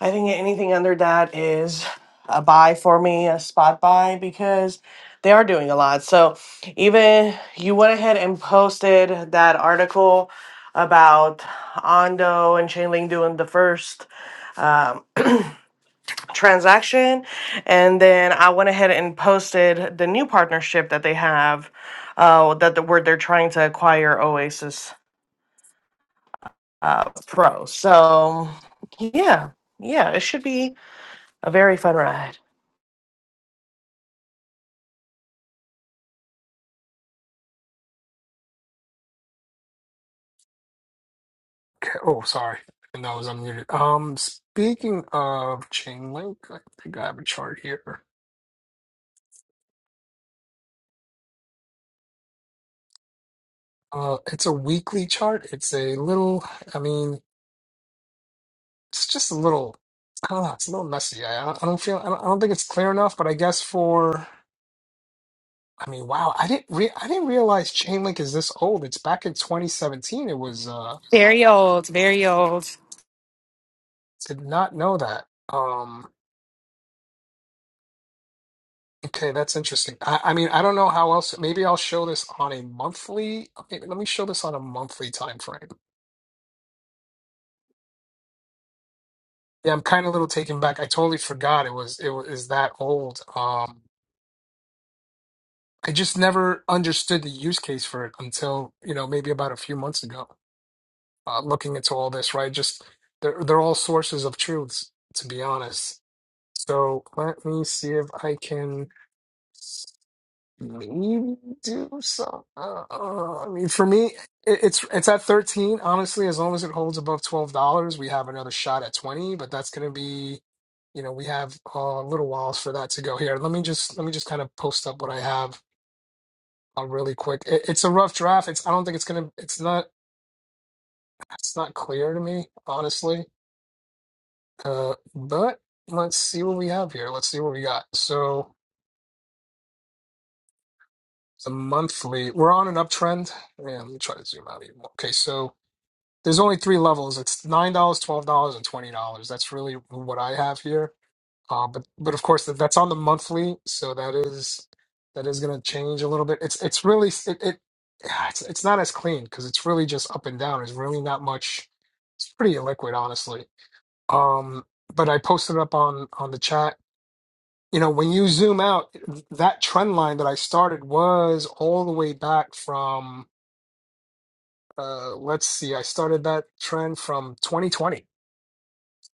I think anything under that is a buy for me, a spot buy, because they are doing a lot. So even you went ahead and posted that article about Ondo and Chainlink doing the first um, transaction, and then I went ahead and posted the new partnership that they have, uh, that the word they're trying to acquire Oasis uh, Pro. So yeah, yeah, it should be a very fun ride.
Okay, Oh, sorry, and that was unmuted. Um, speaking of Chainlink, I think I have a chart here. Uh, it's a weekly chart. It's a little. I mean. it's just a little I don't know, it's a little messy. I, I don't I don't feel I don't, I don't think it's clear enough, but I guess for I mean, wow, I didn't re I didn't realize Chainlink is this old. It's back in 2017. It was uh
Very old, very old.
did not know that. Um okay, that's interesting. I, I mean, I don't know how else maybe I'll show this on a monthly okay, let me show this on a monthly time frame. Yeah, I'm kind of a little taken back. I totally forgot it was it was is that old. Um I just never understood the use case for it until, you know, maybe about a few months ago. uh, looking into all this, right? Just they're they're all sources of truths, to be honest. So let me see if I can maybe do some. Uh, uh, I mean, for me, it, it's it's at thirteen. Honestly, as long as it holds above twelve dollars, we have another shot at twenty. But that's gonna be, you know, we have a little whiles for that to go here. Let me just let me just kind of post up what I have. Uh, really quick. It, it's a rough draft. It's I don't think it's gonna. It's not. It's not clear to me, honestly. Uh, but let's see what we have here. Let's see what we got. So the monthly, we're on an uptrend. Yeah, let me try to zoom out even more. Okay, so there's only three levels. It's nine dollars, twelve dollars, and twenty dollars. That's really what I have here. Uh, but but of course that, that's on the monthly, so that is that is going to change a little bit. It's it's really it, it yeah, it's it's not as clean because it's really just up and down. There's really not much. It's pretty illiquid, honestly. Um, but I posted up on on the chat you know, when you zoom out, that trend line that I started was all the way back from, uh, let's see, I started that trend from 2020.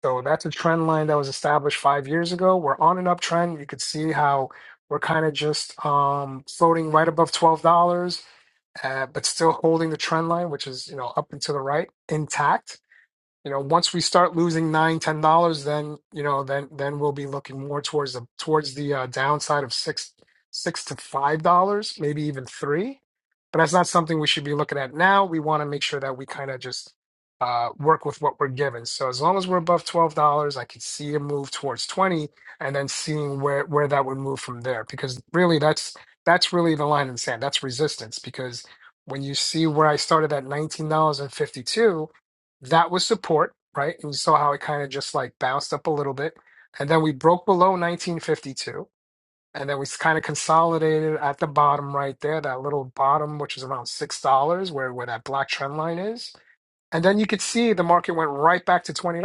So that's a trend line that was established five years ago. We're on an uptrend. You could see how we're kind of just um, floating right above $12, uh, but still holding the trend line, which is, you know, up and to the right intact you know once we start losing nine ten dollars then you know then then we'll be looking more towards the towards the uh, downside of six six to five dollars maybe even three but that's not something we should be looking at now we want to make sure that we kind of just uh, work with what we're given so as long as we're above twelve dollars i could see a move towards 20 and then seeing where where that would move from there because really that's that's really the line in the sand that's resistance because when you see where i started at nineteen dollars and fifty two that was support, right? we saw how it kind of just like bounced up a little bit. And then we broke below 1952. And then we kind of consolidated at the bottom right there, that little bottom, which is around $6, where, where that black trend line is. And then you could see the market went right back to $20,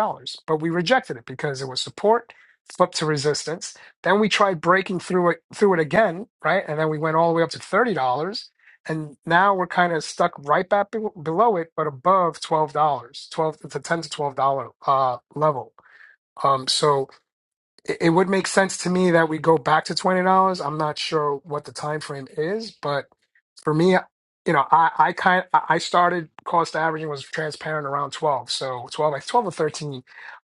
but we rejected it because it was support, flipped to resistance. Then we tried breaking through it through it again, right? And then we went all the way up to $30. And now we're kind of stuck right back be- below it, but above $12, dollars, 12 to 10 to $12 uh, level. Um, so it, it would make sense to me that we go back to $20. I'm not sure what the time frame is, but for me, you know, I I kind I I started cost averaging was transparent around 12, so 12 like 12 or 13.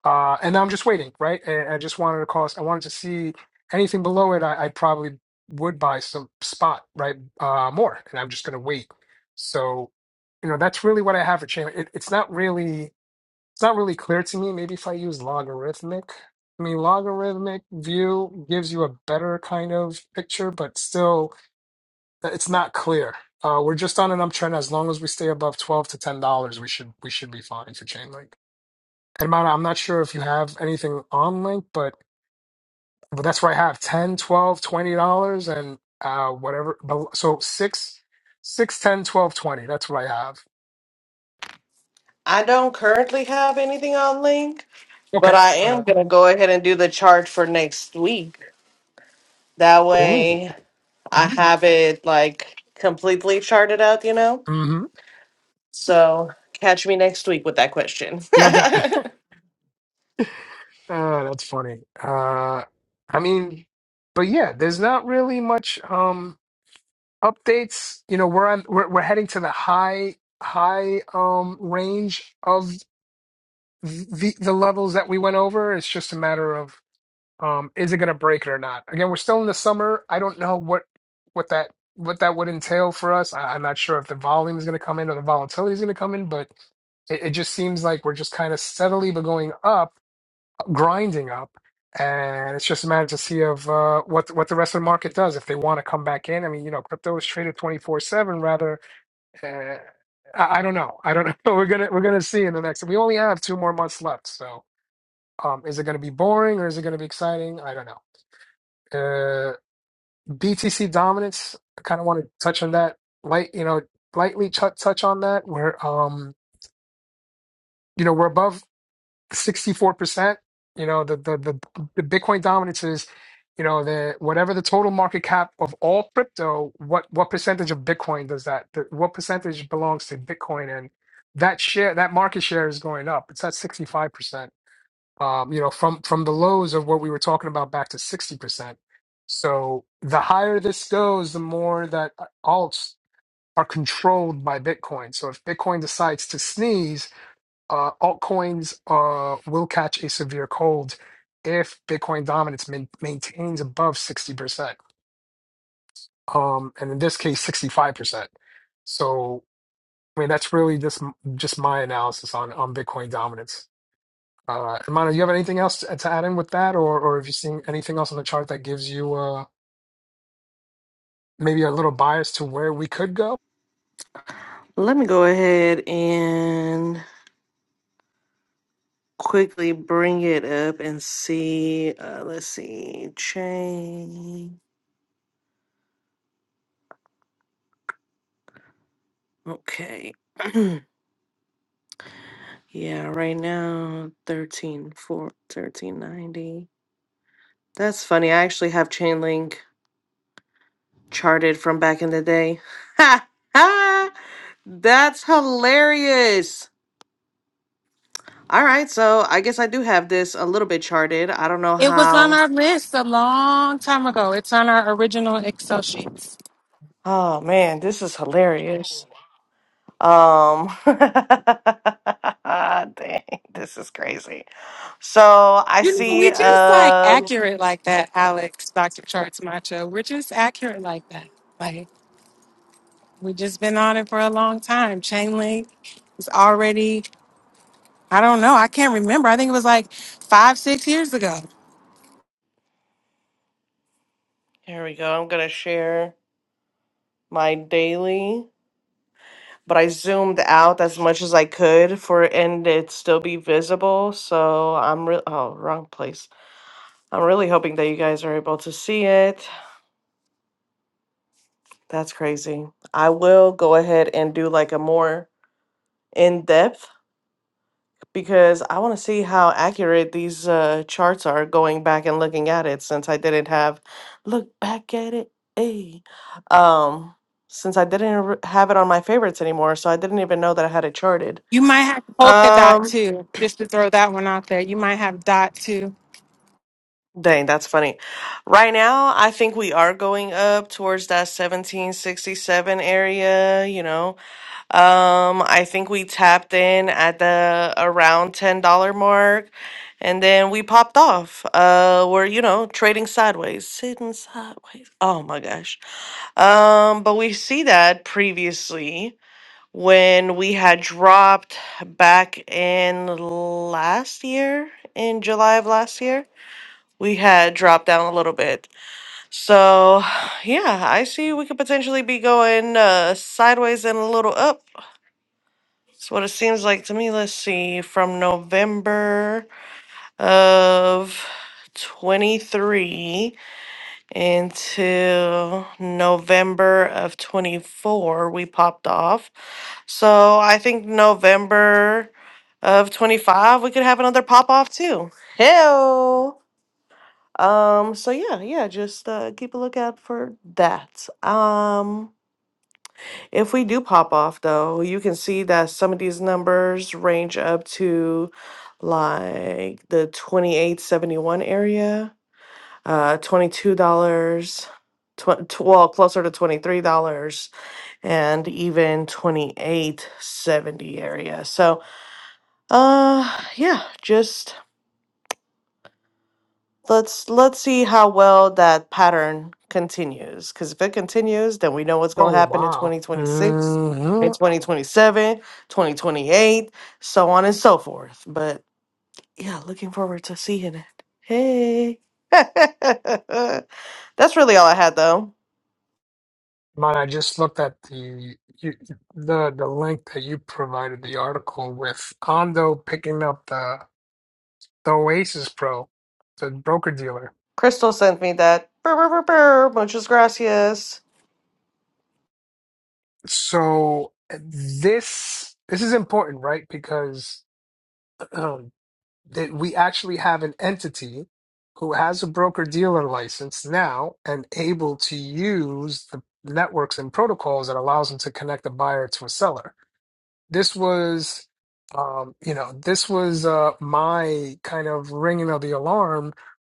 Uh, and I'm just waiting, right? And I just wanted to cost. I wanted to see anything below it. I, I probably would buy some spot, right? Uh, more, and I'm just gonna wait. So, you know, that's really what I have for chamber. It, it's not really it's not really clear to me. Maybe if I use logarithmic, I mean, logarithmic view gives you a better kind of picture, but still it's not clear. Uh, we're just on an uptrend. As long as we stay above twelve to ten dollars, we should we should be fine for Chainlink. And Mana, I'm not sure if you have anything on Link, but but that's where I have 10, 12, 20 dollars and uh whatever. bel- So six six ten twelve twenty. That's what I have.
I don't currently have anything on link, but
Okay,
I
fair
am
enough.
gonna go ahead and do the chart for next week. That
Ooh,
way I have it like completely charted out, you know?
mm-hmm.
So catch me next week with that question.
no doubt. [LAUGHS] uh, that's funny. Uh, I mean, but yeah, there's not really much. Um, updates you know we're on we're, we're heading to the high high um range of the the levels that we went over it's just a matter of um is it going to break it or not again we're still in the summer i don't know what what that what that would entail for us I, i'm not sure if the volume is going to come in or the volatility is going to come in but it, it just seems like we're just kind of steadily but going up grinding up, and it's just a matter to see of uh, what what the rest of the market does if they want to come back in. I mean, you know, crypto is traded twenty four seven. Rather, uh, I, I don't know. I don't know. [LAUGHS] We're gonna we're gonna see in the next. We only have two more months left, so um, is it going to be boring or is it going to be exciting? I don't know. Uh, BTC dominance. I kind of want to touch on that light. You know, lightly tou- touch on that. Where um, you know, we're above. 64%. You know, the the the, the Bitcoin dominance is, you know, the whatever the total market cap of all crypto, what what percentage of Bitcoin does that th- what percentage belongs to Bitcoin and that share that market share is going up. It's at 65%. Um, you know, from from the lows of what we were talking about back to 60%. So the higher this goes, the more that uh, alts are controlled by Bitcoin. So if Bitcoin decides to sneeze, uh, altcoins uh, will catch a severe cold if Bitcoin dominance main maintains above 60%, um, and in this case, 65%. So, I mean, that's really just just my analysis on, on Bitcoin dominance. Uh, Imano, you have anything else to, to add in with that, or or have you seen anything else on the chart that gives you uh, maybe a little bias to where we could go?
[LAUGHS] Let me go ahead and quickly bring it up and see. Uh, let's see. Chain. Okay. [CLEARS THROAT] yeah, right now 13 4, 1390. That's funny. I actually have chain link charted from back in the day. Ha ha! That's hilarious. All right, so I guess I do have this a little bit charted. I don't know
It was on
how.
our list a long time ago. It's on our original Excel sheets.
Oh man, this is hilarious. Um, [LAUGHS] dang, this is crazy. So I
You know,
see.
we just like
Um,
accurate like that, Alex, Dr. Charts Macho. We're just accurate like that. Like we just been on it for a long time. Chainlink is already I don't know. I can't remember. I think it was like five, six years ago.
here we go. I'm gonna share my daily. but I zoomed out as much as I could for it and it still be visible. So I'm re- oh wrong place. I'm really hoping that you guys are able to see it. That's crazy. I will go ahead and do like a more in depth because I want to see how accurate these uh, charts are going back and looking at it since I didn't have look back at it. Hey, um, since I didn't r- have it on my favorites anymore, so I didn't even know that I had it charted.
You might have polka dot
Um.
too, just to throw that one out there. You might have dot too.
Dang, that's funny. Right now, I think we are going up towards that 1767 area, you know. Um, I think we tapped in at the around $10 mark and then we popped off. Uh, we're, you know, trading sideways, sitting sideways. Oh my gosh. Um, but we see that previously when we had dropped back in last year, in July of last year we had dropped down a little bit. So, yeah, I see we could potentially be going uh, sideways and a little up. That's what it seems like to me. Let's see, from November of 23 until November of 24, we popped off. So, I think November of 25, we could have another pop off too. Hell. Um, so yeah, yeah, just uh, keep a lookout for that. Um, if we do pop off though, you can see that some of these numbers range up to like the 28.71 area, uh $22, tw- tw- well, closer to $23 and even 28.70 area. So, uh yeah, just let's let's see how well that pattern continues because if it continues then we know what's going to
Oh,
happen in
wow.
2026
Mm-hmm.
in 2027, 2028, so on and so forth but yeah looking forward to seeing it hey [LAUGHS] that's really all i had though
Man, I just looked at the you, the the link that you provided the article with Ondo picking up the the Oasis Pro, the broker dealer.
crystal sent me that Brr, brr, brr, brr. muchas gracias
So this this is important, right? Because [CLEARS THROAT] um, that we actually have an entity who has a broker dealer license now and able to use the networks and protocols that allows them to connect a buyer to a seller. this was um you know this was uh my kind of ringing of the alarm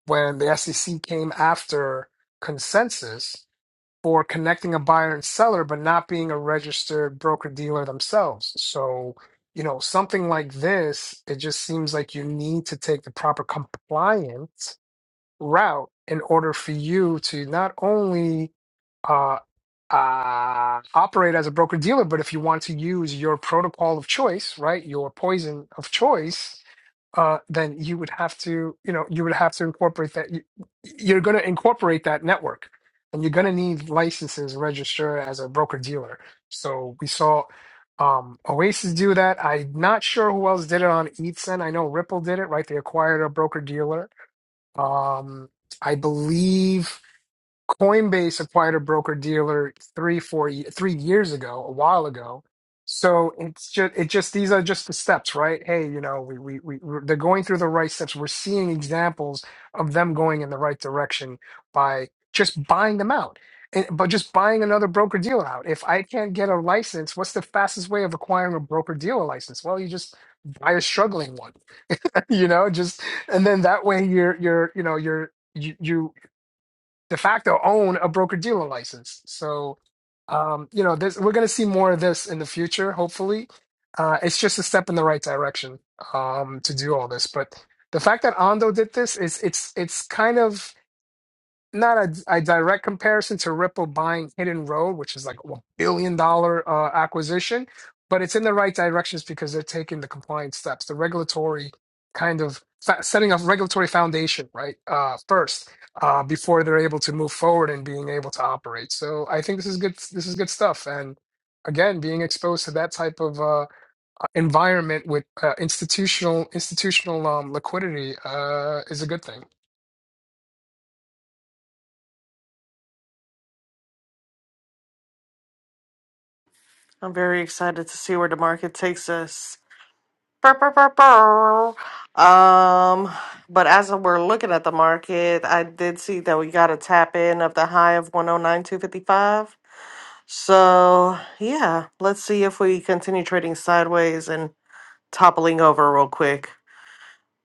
when the SEC came after consensus for connecting a buyer and seller but not being a registered broker dealer themselves so you know something like this it just seems like you need to take the proper compliance route in order for you to not only uh, uh, operate as a broker dealer, but if you want to use your protocol of choice, right, your poison of choice, uh, then you would have to, you know, you would have to incorporate that. You, you're going to incorporate that network, and you're going to need licenses register as a broker dealer. So we saw um, Oasis do that. I'm not sure who else did it on ETHSEN. I know Ripple did it, right? They acquired a broker dealer um, I believe Coinbase acquired a broker dealer three, four, ye- three years ago, a while ago. So it's just, it just, these are just the steps, right? Hey, you know, we, we, we, we're- they're going through the right steps. We're seeing examples of them going in the right direction by just buying them out, and, but just buying another broker dealer out. If I can't get a license, what's the fastest way of acquiring a broker dealer license? Well, you just buy a struggling one you know just and then that way you're you're you know you're you, you de facto own a broker dealer license so um you know this we're going to see more of this in the future hopefully uh it's just a step in the right direction um to do all this but the fact that Ando did this is it's it's kind of not a, a direct comparison to Ripple buying Hidden Road, which is like a billion dollar uh, acquisition, but it's in the right directions because they're taking the compliance steps, the regulatory kind of fa- setting up regulatory foundation, right? Uh, first, uh, before they're able to move forward and being able to operate. So I think this is good. This is good stuff. And again, being exposed to that type of uh, environment with uh, institutional institutional um, liquidity uh, is a good thing.
i'm very excited to see where the market takes us Bow, bow, bow, bow. Um, but as we're looking at the market, I did see that we got a tap in of the high of 109.255. So, yeah, let's see if we continue trading sideways and toppling over real quick.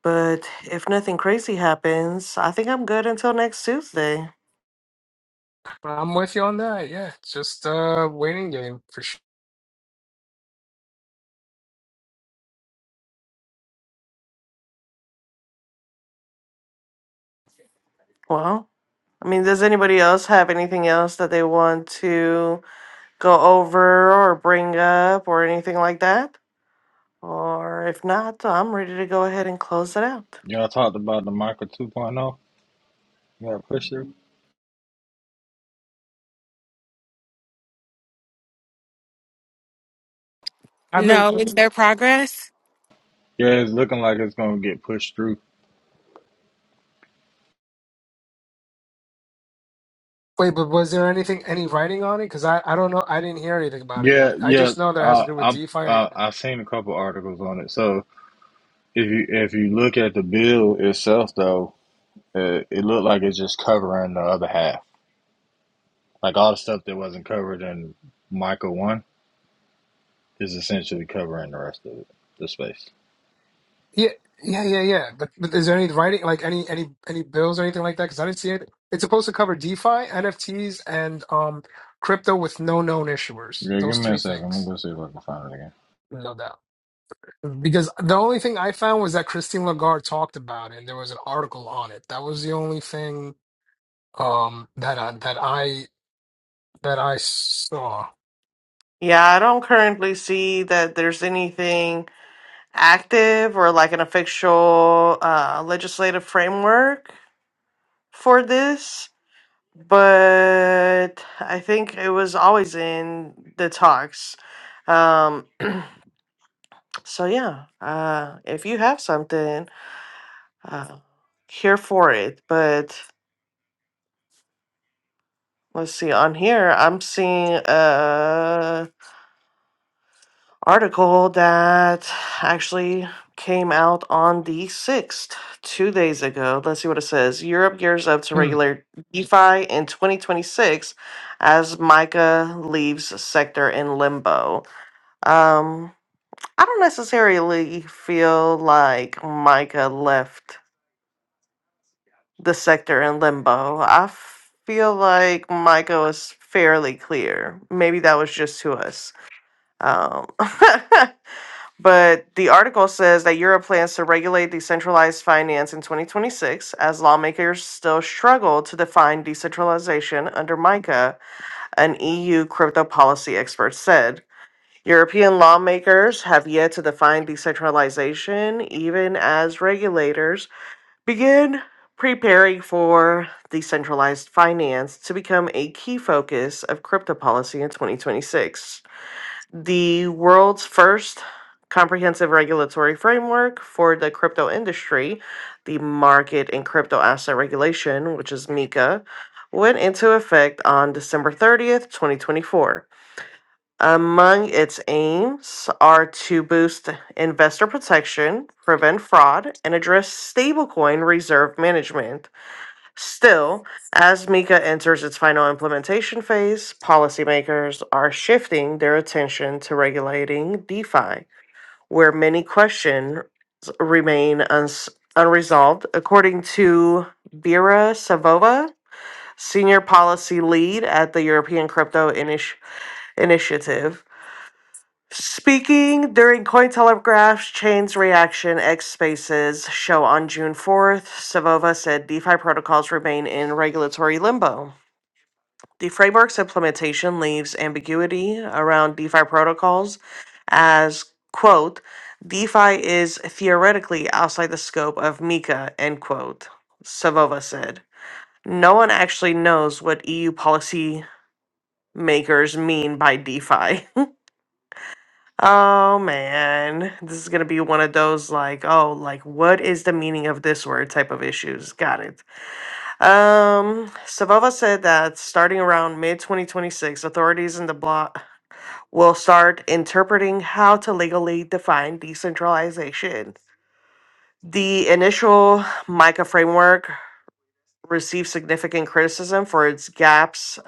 But if nothing crazy happens, I think I'm good until next Tuesday.
I'm with you on that. Yeah, it's just a waiting game for sure.
Well, I mean, does anybody else have anything else that they want to go over or bring up or anything like that? Or if not, I'm ready to go ahead and close it out.
Y'all talked about the Micro 2.0. Yeah, push through.
I haven't
No, is there progress?
Yeah, it's looking like it's gonna get pushed through.
wait, but was there anything any writing on it? Because I I don't know. I didn't hear anything about it yet.
Yeah,
I
yeah.
just know that it has to
Uh,
do with
I'm.
DeFi. And,
Uh, I've seen a couple articles on it. So if you if you look at the bill itself, though. It, it looked like it's just covering the other half. Like all the stuff that wasn't covered in Micah 1 is essentially covering the rest of it, the space.
yeah, yeah, yeah, yeah. But but is there any writing like any any any bills or anything like that? Because I didn't see it. It's supposed to cover DeFi, NFTs, and um crypto with no known issuers.
Yeah, give
Those
me a
three
second. I'm
things,
going to see if I can find it again.
no doubt. Because the only thing I found was that Christine Lagarde talked about it, and there was an article on it. That was the only thing um that I, that I that I saw.
Yeah, I don't currently see that there's anything active or like an official uh, legislative framework for this, but I think it was always in the talks. Um, so yeah, uh, if you have something, uh, here for it. But let's see, on here, I'm seeing. Uh, article that actually came out on the 6th, two days ago. Let's see what it says. Europe gears up to
Mm.
regulate DeFi in 2026 as MICA leaves sector in limbo. Um, I don't necessarily feel like MICA left the sector in limbo. I feel like MICA was fairly clear. Maybe that was just to us. Um, [LAUGHS] But the article says that Europe plans to regulate decentralized finance in 2026 as lawmakers still struggle to define decentralization under MICA, an EU crypto policy expert said. European lawmakers have yet to define decentralization, even as regulators begin preparing for decentralized finance to become a key focus of crypto policy in 2026 the world's first comprehensive regulatory framework for the crypto industry, the Market and Crypto Asset Regulation, which is MiCA, went into effect on December 30th, 2024. Among its aims are to boost investor protection, prevent fraud, and address stablecoin reserve management. Still, as MiCA enters its final implementation phase, policymakers are shifting their attention to regulating DeFi, where many questions remain uns- unresolved. According to Vera Savova, senior policy lead at the European Crypto Initi- Initiative, Speaking during Cointelegraph's Chain's Reaction X Spaces show on June 4th, Savova said DeFi protocols remain in regulatory limbo The framework's implementation leaves ambiguity around DeFi protocols as, quote, DeFi is theoretically outside the scope of MiCA, end quote, Savova said. No one actually knows what EU policy makers mean by DeFi. [LAUGHS] Oh man, this is gonna be one of those like, oh, like what is the meaning of this word type of issues. Got it. Um, Savova said that starting around mid 2026, authorities in the bloc will start interpreting how to legally define decentralization. The initial MICA framework received significant criticism for its gaps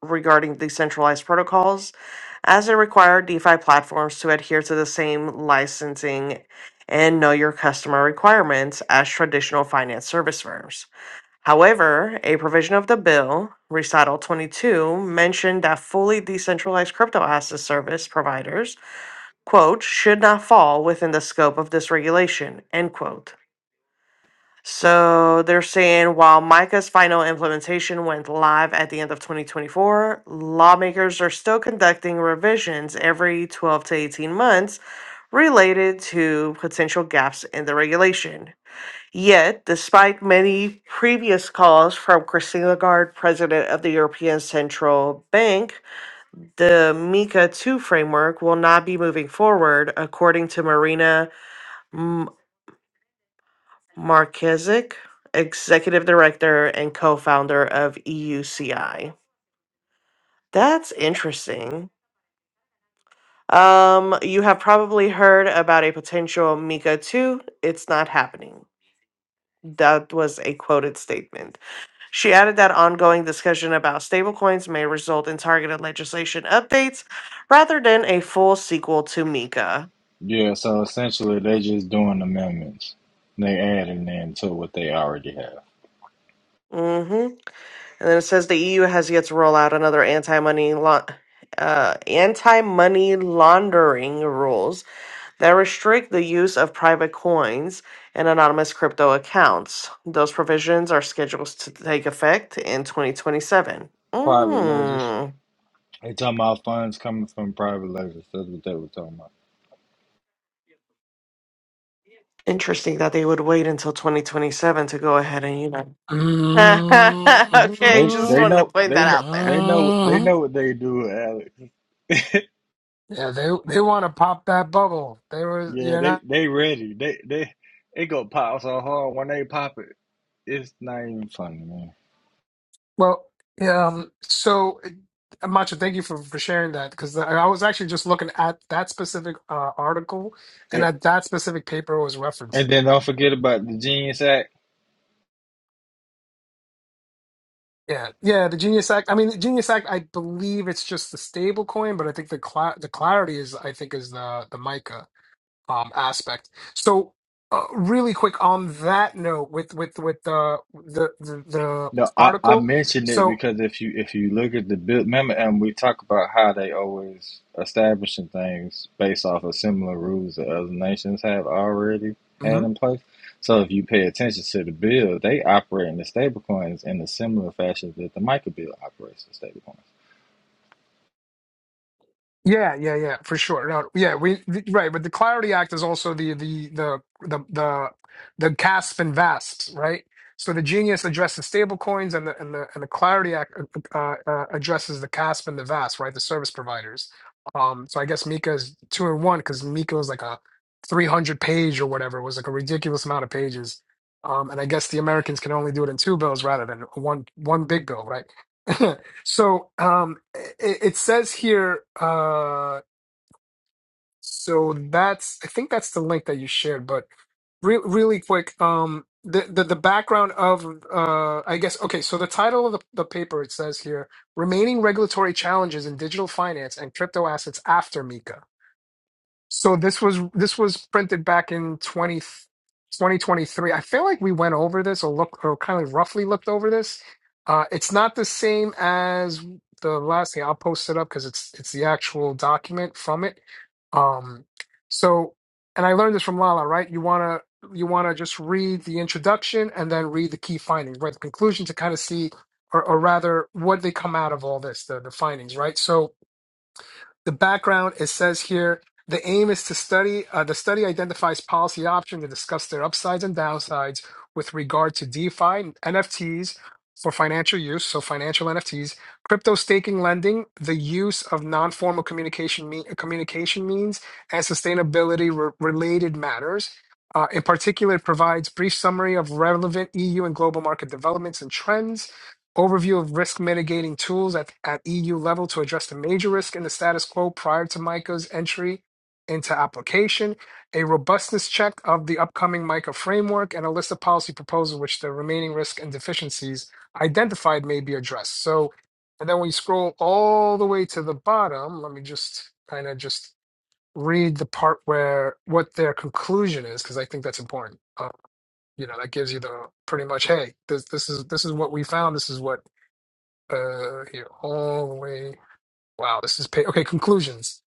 regarding decentralized protocols as it required DeFi platforms to adhere to the same licensing and know your customer requirements as traditional finance service firms. However, a provision of the bill, Recital 22, mentioned that fully decentralized crypto asset service providers, quote, should not fall within the scope of this regulation, end quote. So they're saying while MICA's final implementation went live at the end of 2024, lawmakers are still conducting revisions every 12 to 18 months related to potential gaps in the regulation. Yet, despite many previous calls from Christine Lagarde, president of the European Central Bank, the MiCA 2 framework will not be moving forward, according to Marina Markizic, executive director and co-founder of EUCI. That's interesting. Um, you have probably heard about a potential Mika 2. It's not happening. That was a quoted statement. She added that ongoing discussion about stablecoins may result in targeted legislation updates rather than a full sequel to Mika.
Yeah, so essentially they just doing amendments. They adding in to what they already have.
hmm And then it says the EU has yet to roll out another anti-money laun- uh, anti-money laundering rules that restrict the use of private coins and anonymous crypto accounts. Those provisions are scheduled to take effect in 2027.
Private ledgers.
Mm.
They talking about funds coming from private ledgers. That's what they were talking about.
Interesting that they would wait until 2027 to go ahead and you know. [LAUGHS] okay,
They
just
they
Mhm.
wanted to
know
point
they
that
know
out there.
they know they
Mhm.
know what they do, Alex. [LAUGHS]
Yeah, they they want to pop that bubble. They were, you
yeah,
know.
they they ready. They they it go pop so hard when they pop it. It's not even funny, man.
Well, yeah, um, so uh, Macho, thank you for for sharing that because I I was actually just looking at that specific uh, article and
And,
at that specific paper it was
and
referencing.
then don't forget about the Genius Act.
Yeah, yeah, the Genius Act. I mean, the Genius Act. I believe it's just the stable coin, but I think the cla the clarity is, I think, is the the Mica. um, aspect. So, uh, really quick on that note, with with with uh, the the the
No, I, I
article.
mentioned it
So.
because if you if you look at the bill, remember, and we talk about how they always establishing things based off of similar rules that other nations have already had in place. So if you pay attention to the bill, they operate in the stable coins in a similar fashion that the MiCA bill operates in stable coins.
Yeah, yeah, yeah, for sure. No, yeah, we th- right, but the Clarity Act is also the the the the the, the CASP and VASP, right? So the Genius addresses stablecoins, and the and the and the Clarity Act uh, uh, uh, uh, addresses the CASP and the VASP, right? The service providers. Um, so I guess Mika is two in one because Mika was like a three hundred page or whatever. It was like a ridiculous amount of pages. Um, and I guess the Americans can only do it in two bills rather than one one big bill, right? [LAUGHS] So um, it, it says here. Uh, so that's I think that's the link that you shared. But re- really quick, um, the, the the background of uh, I guess okay. So the title of the, the paper it says here: remaining regulatory challenges in digital finance and crypto assets after MiCA. So this was this was printed back in 20 2023. I feel like we went over this or look or kind of roughly looked over this. Uh, it's not the same as the last thing. I'll post it up because it's it's the actual document from it. Um, so and I learned this from Lala, right? You wanna you wanna just read the introduction and then read the key findings, right? The conclusion to kind of see or, or rather what they come out of all this, the the findings, right? So the background it says here the aim is to study uh, the study identifies policy options and discuss their upsides and downsides with regard to defi nfts for financial use so financial nfts crypto staking lending the use of non-formal communication me- communication means and sustainability related matters Uh, in particular, it provides brief summary of relevant EU and global market developments and trends Overview of risk mitigating tools at, at EU level to address the major risk in the status quo prior to MICA's entry into application, a robustness check of the upcoming MICA framework, and a list of policy proposals which the remaining risks and deficiencies identified may be addressed. So, and then when you scroll all the way to the bottom, let me just kind of just read the part where what their conclusion is, because I think that's important. Uh, you know, that gives you the pretty much, hey, this this is this is what we found. This is what uh, here all the way. Wow, this is pa- okay. Conclusions.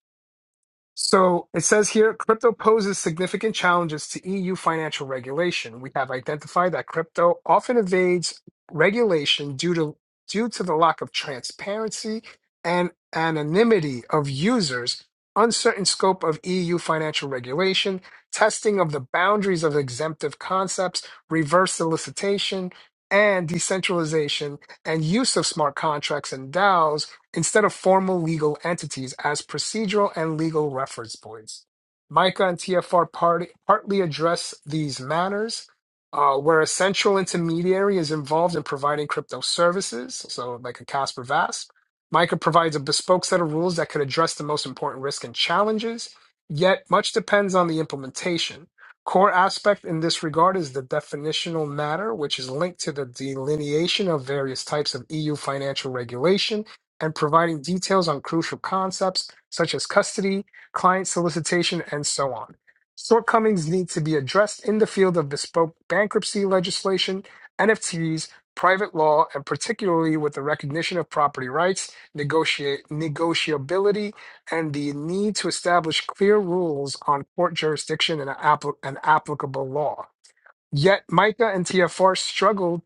So it says here crypto poses significant challenges to EU financial regulation. We have identified that crypto often evades regulation due to due to the lack of transparency and anonymity of users, uncertain scope of EU financial regulation, testing of the boundaries of exemptive concepts, reverse solicitation, and decentralization and use of smart contracts and DAOs instead of formal legal entities as procedural and legal reference points. MICA and TFR part, partly address these matters, uh, where a central intermediary is involved in providing crypto services, so like a Casper VASP. MICA provides a bespoke set of rules that could address the most important risks and challenges, yet much depends on the implementation. Core aspect in this regard is the definitional matter, which is linked to the delineation of various types of EU financial regulation and providing details on crucial concepts such as custody, client solicitation, and so on. Shortcomings need to be addressed in the field of bespoke bankruptcy legislation, NFTs, private law, and particularly with the recognition of property rights, negotiate, negotiability, and the need to establish clear rules on court jurisdiction and, applic- and applicable law. Yet Micah and TFR struggled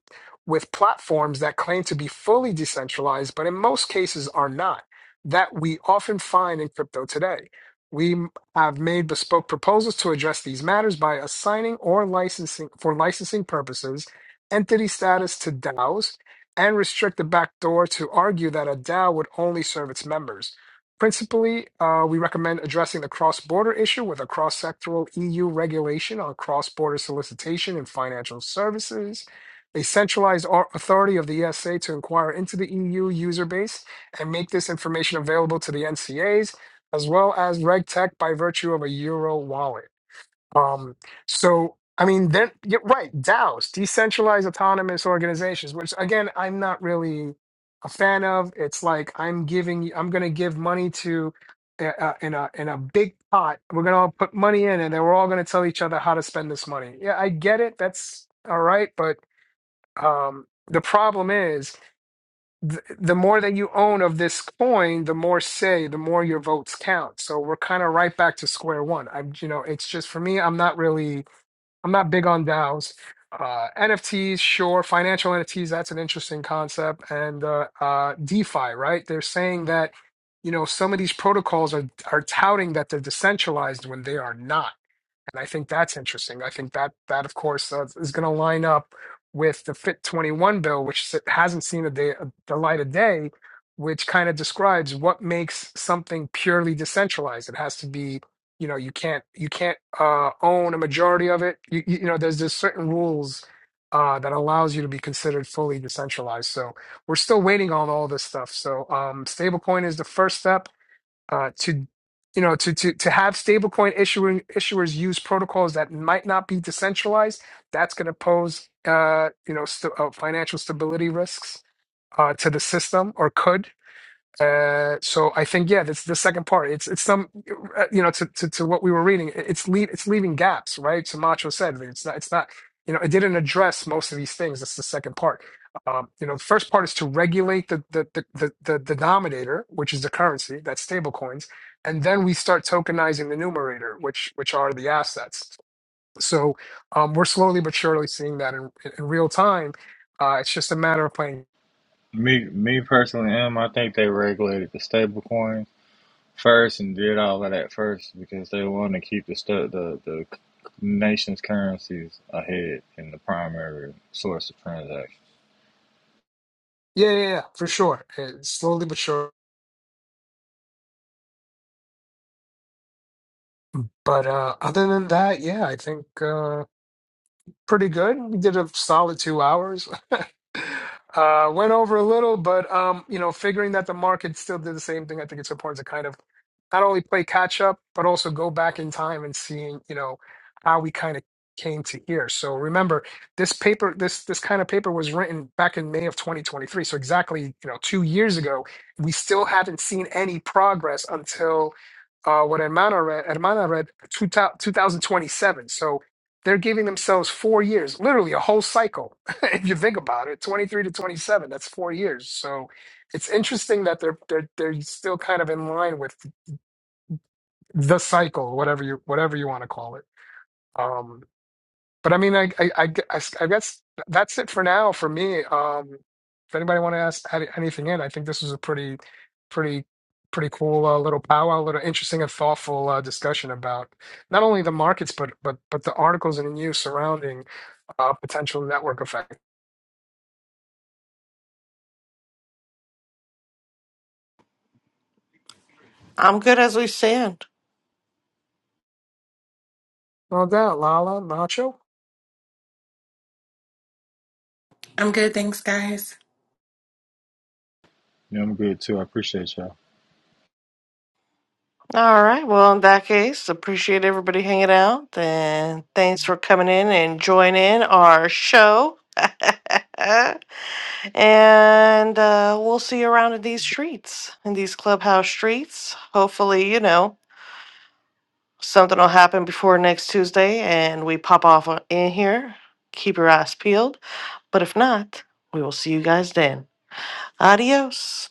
with platforms that claim to be fully decentralized, but in most cases are not, that we often find in crypto today. We m- have made bespoke proposals to address these matters by assigning or licensing for licensing purposes entity status to DAOs and restrict the backdoor to argue that a DAO would only serve its members. Principally, uh, we recommend addressing the cross border issue with a cross sectoral EU regulation on cross border solicitation and financial services, a centralized au- authority of the ESA to inquire into the EU user base and make this information available to the NCAs, as as well as RegTech by virtue of a Euro wallet. Um, so I mean, then you're right, DAOs, decentralized autonomous organizations, which again, I'm not really a fan of. It's like I'm giving, you- I'm going to give money to uh, uh, in a in a big pot. We're going to all put money in, and then we're all going to tell each other how to spend this money. Yeah, I get it. That's all right, but um, the problem is. th- The more that you own of this coin, the more say, the more your votes count. So we're kind of right back to square one. I'm, you know, it's just for me, I'm not really I'm not big on DAOs. Uh, NFTs, sure. Financial NFTs, that's an interesting concept. And uh, uh, DeFi, right? They're saying that, you know, some of these protocols are are touting that they're decentralized when they are not and I think that's interesting. I think that that of course uh, is going to line up with the Fit 21 bill, which s- hasn't seen a day, the light of day, which kind of describes what makes something purely decentralized. It has to be, you know, you can't you can't uh, own a majority of it. You, you you know, there's there's certain rules. Uh, that allows you to be considered fully decentralized. So we're still waiting on all this stuff. So um, stablecoin is the first step uh, to you know to to to have stablecoin issuing issuers use protocols that might not be decentralized that's going to pose uh, you know st- uh, financial stability risks uh, to the system or could uh, so I think yeah, that's the second part. It's it's some uh, you know to to, to what we were reading. It's leave it's leaving gaps, right? Camacho said that it's not it's not you know it didn't address most of these things. That's the second part. Um, you know, the first part is to regulate the the the the, the denominator, which is the currency, that's stable coins, and then we start tokenizing the numerator, which which are the assets. So um, we're slowly but surely seeing that in in real time. Uh, it's just a matter of playing.
Me, me personally, am I think they regulated the stablecoins first and did all of that first because they want to keep the stu the the nation's currencies ahead in the primary source of transaction.
Yeah, yeah, yeah, for sure. Uh, slowly but surely But uh, other than that, yeah, I think uh, pretty good. We did a solid two hours. [LAUGHS] uh, went over a little, but um, you know, figuring that the market still did the same thing, I think it's important to kind of not only play catch up, but also go back in time and seeing, you know, how we kind of came to here. So remember, this paper, this this kind of paper was written back in May of 2023. So exactly, you know, two years ago, we still haven't seen any progress until uh, what Hermana read, Hermana read two, thou- 2027. So they're giving themselves four years, literally a whole cycle. [LAUGHS] if you think about it, 23 to 27, that's four years. So it's interesting that they're they're they're still kind of in line with the cycle, whatever you whatever you want to call it. Um, but I mean, I I, I gu- I s- I guess that's it for now for me. Um, if anybody want to ask add anything in, I think this was a pretty pretty pretty cool uh, little powwow, little interesting and thoughtful uh, discussion about not only the markets but but but the articles in news surrounding uh, potential network effect.
I'm good as we stand.
No doubt, Lala, Nacho.
I'm good. Thanks, guys.
Yeah, I'm good too. I appreciate y'all.
All right. Well, in that case, appreciate everybody hanging out. And thanks for coming in and joining our show. [LAUGHS] and uh, we'll see you around in these streets, in these clubhouse streets. Hopefully, you know, something will happen before next Tuesday and we pop off on- in here. Keep your eyes peeled. But if not, we will see you guys then. Adios.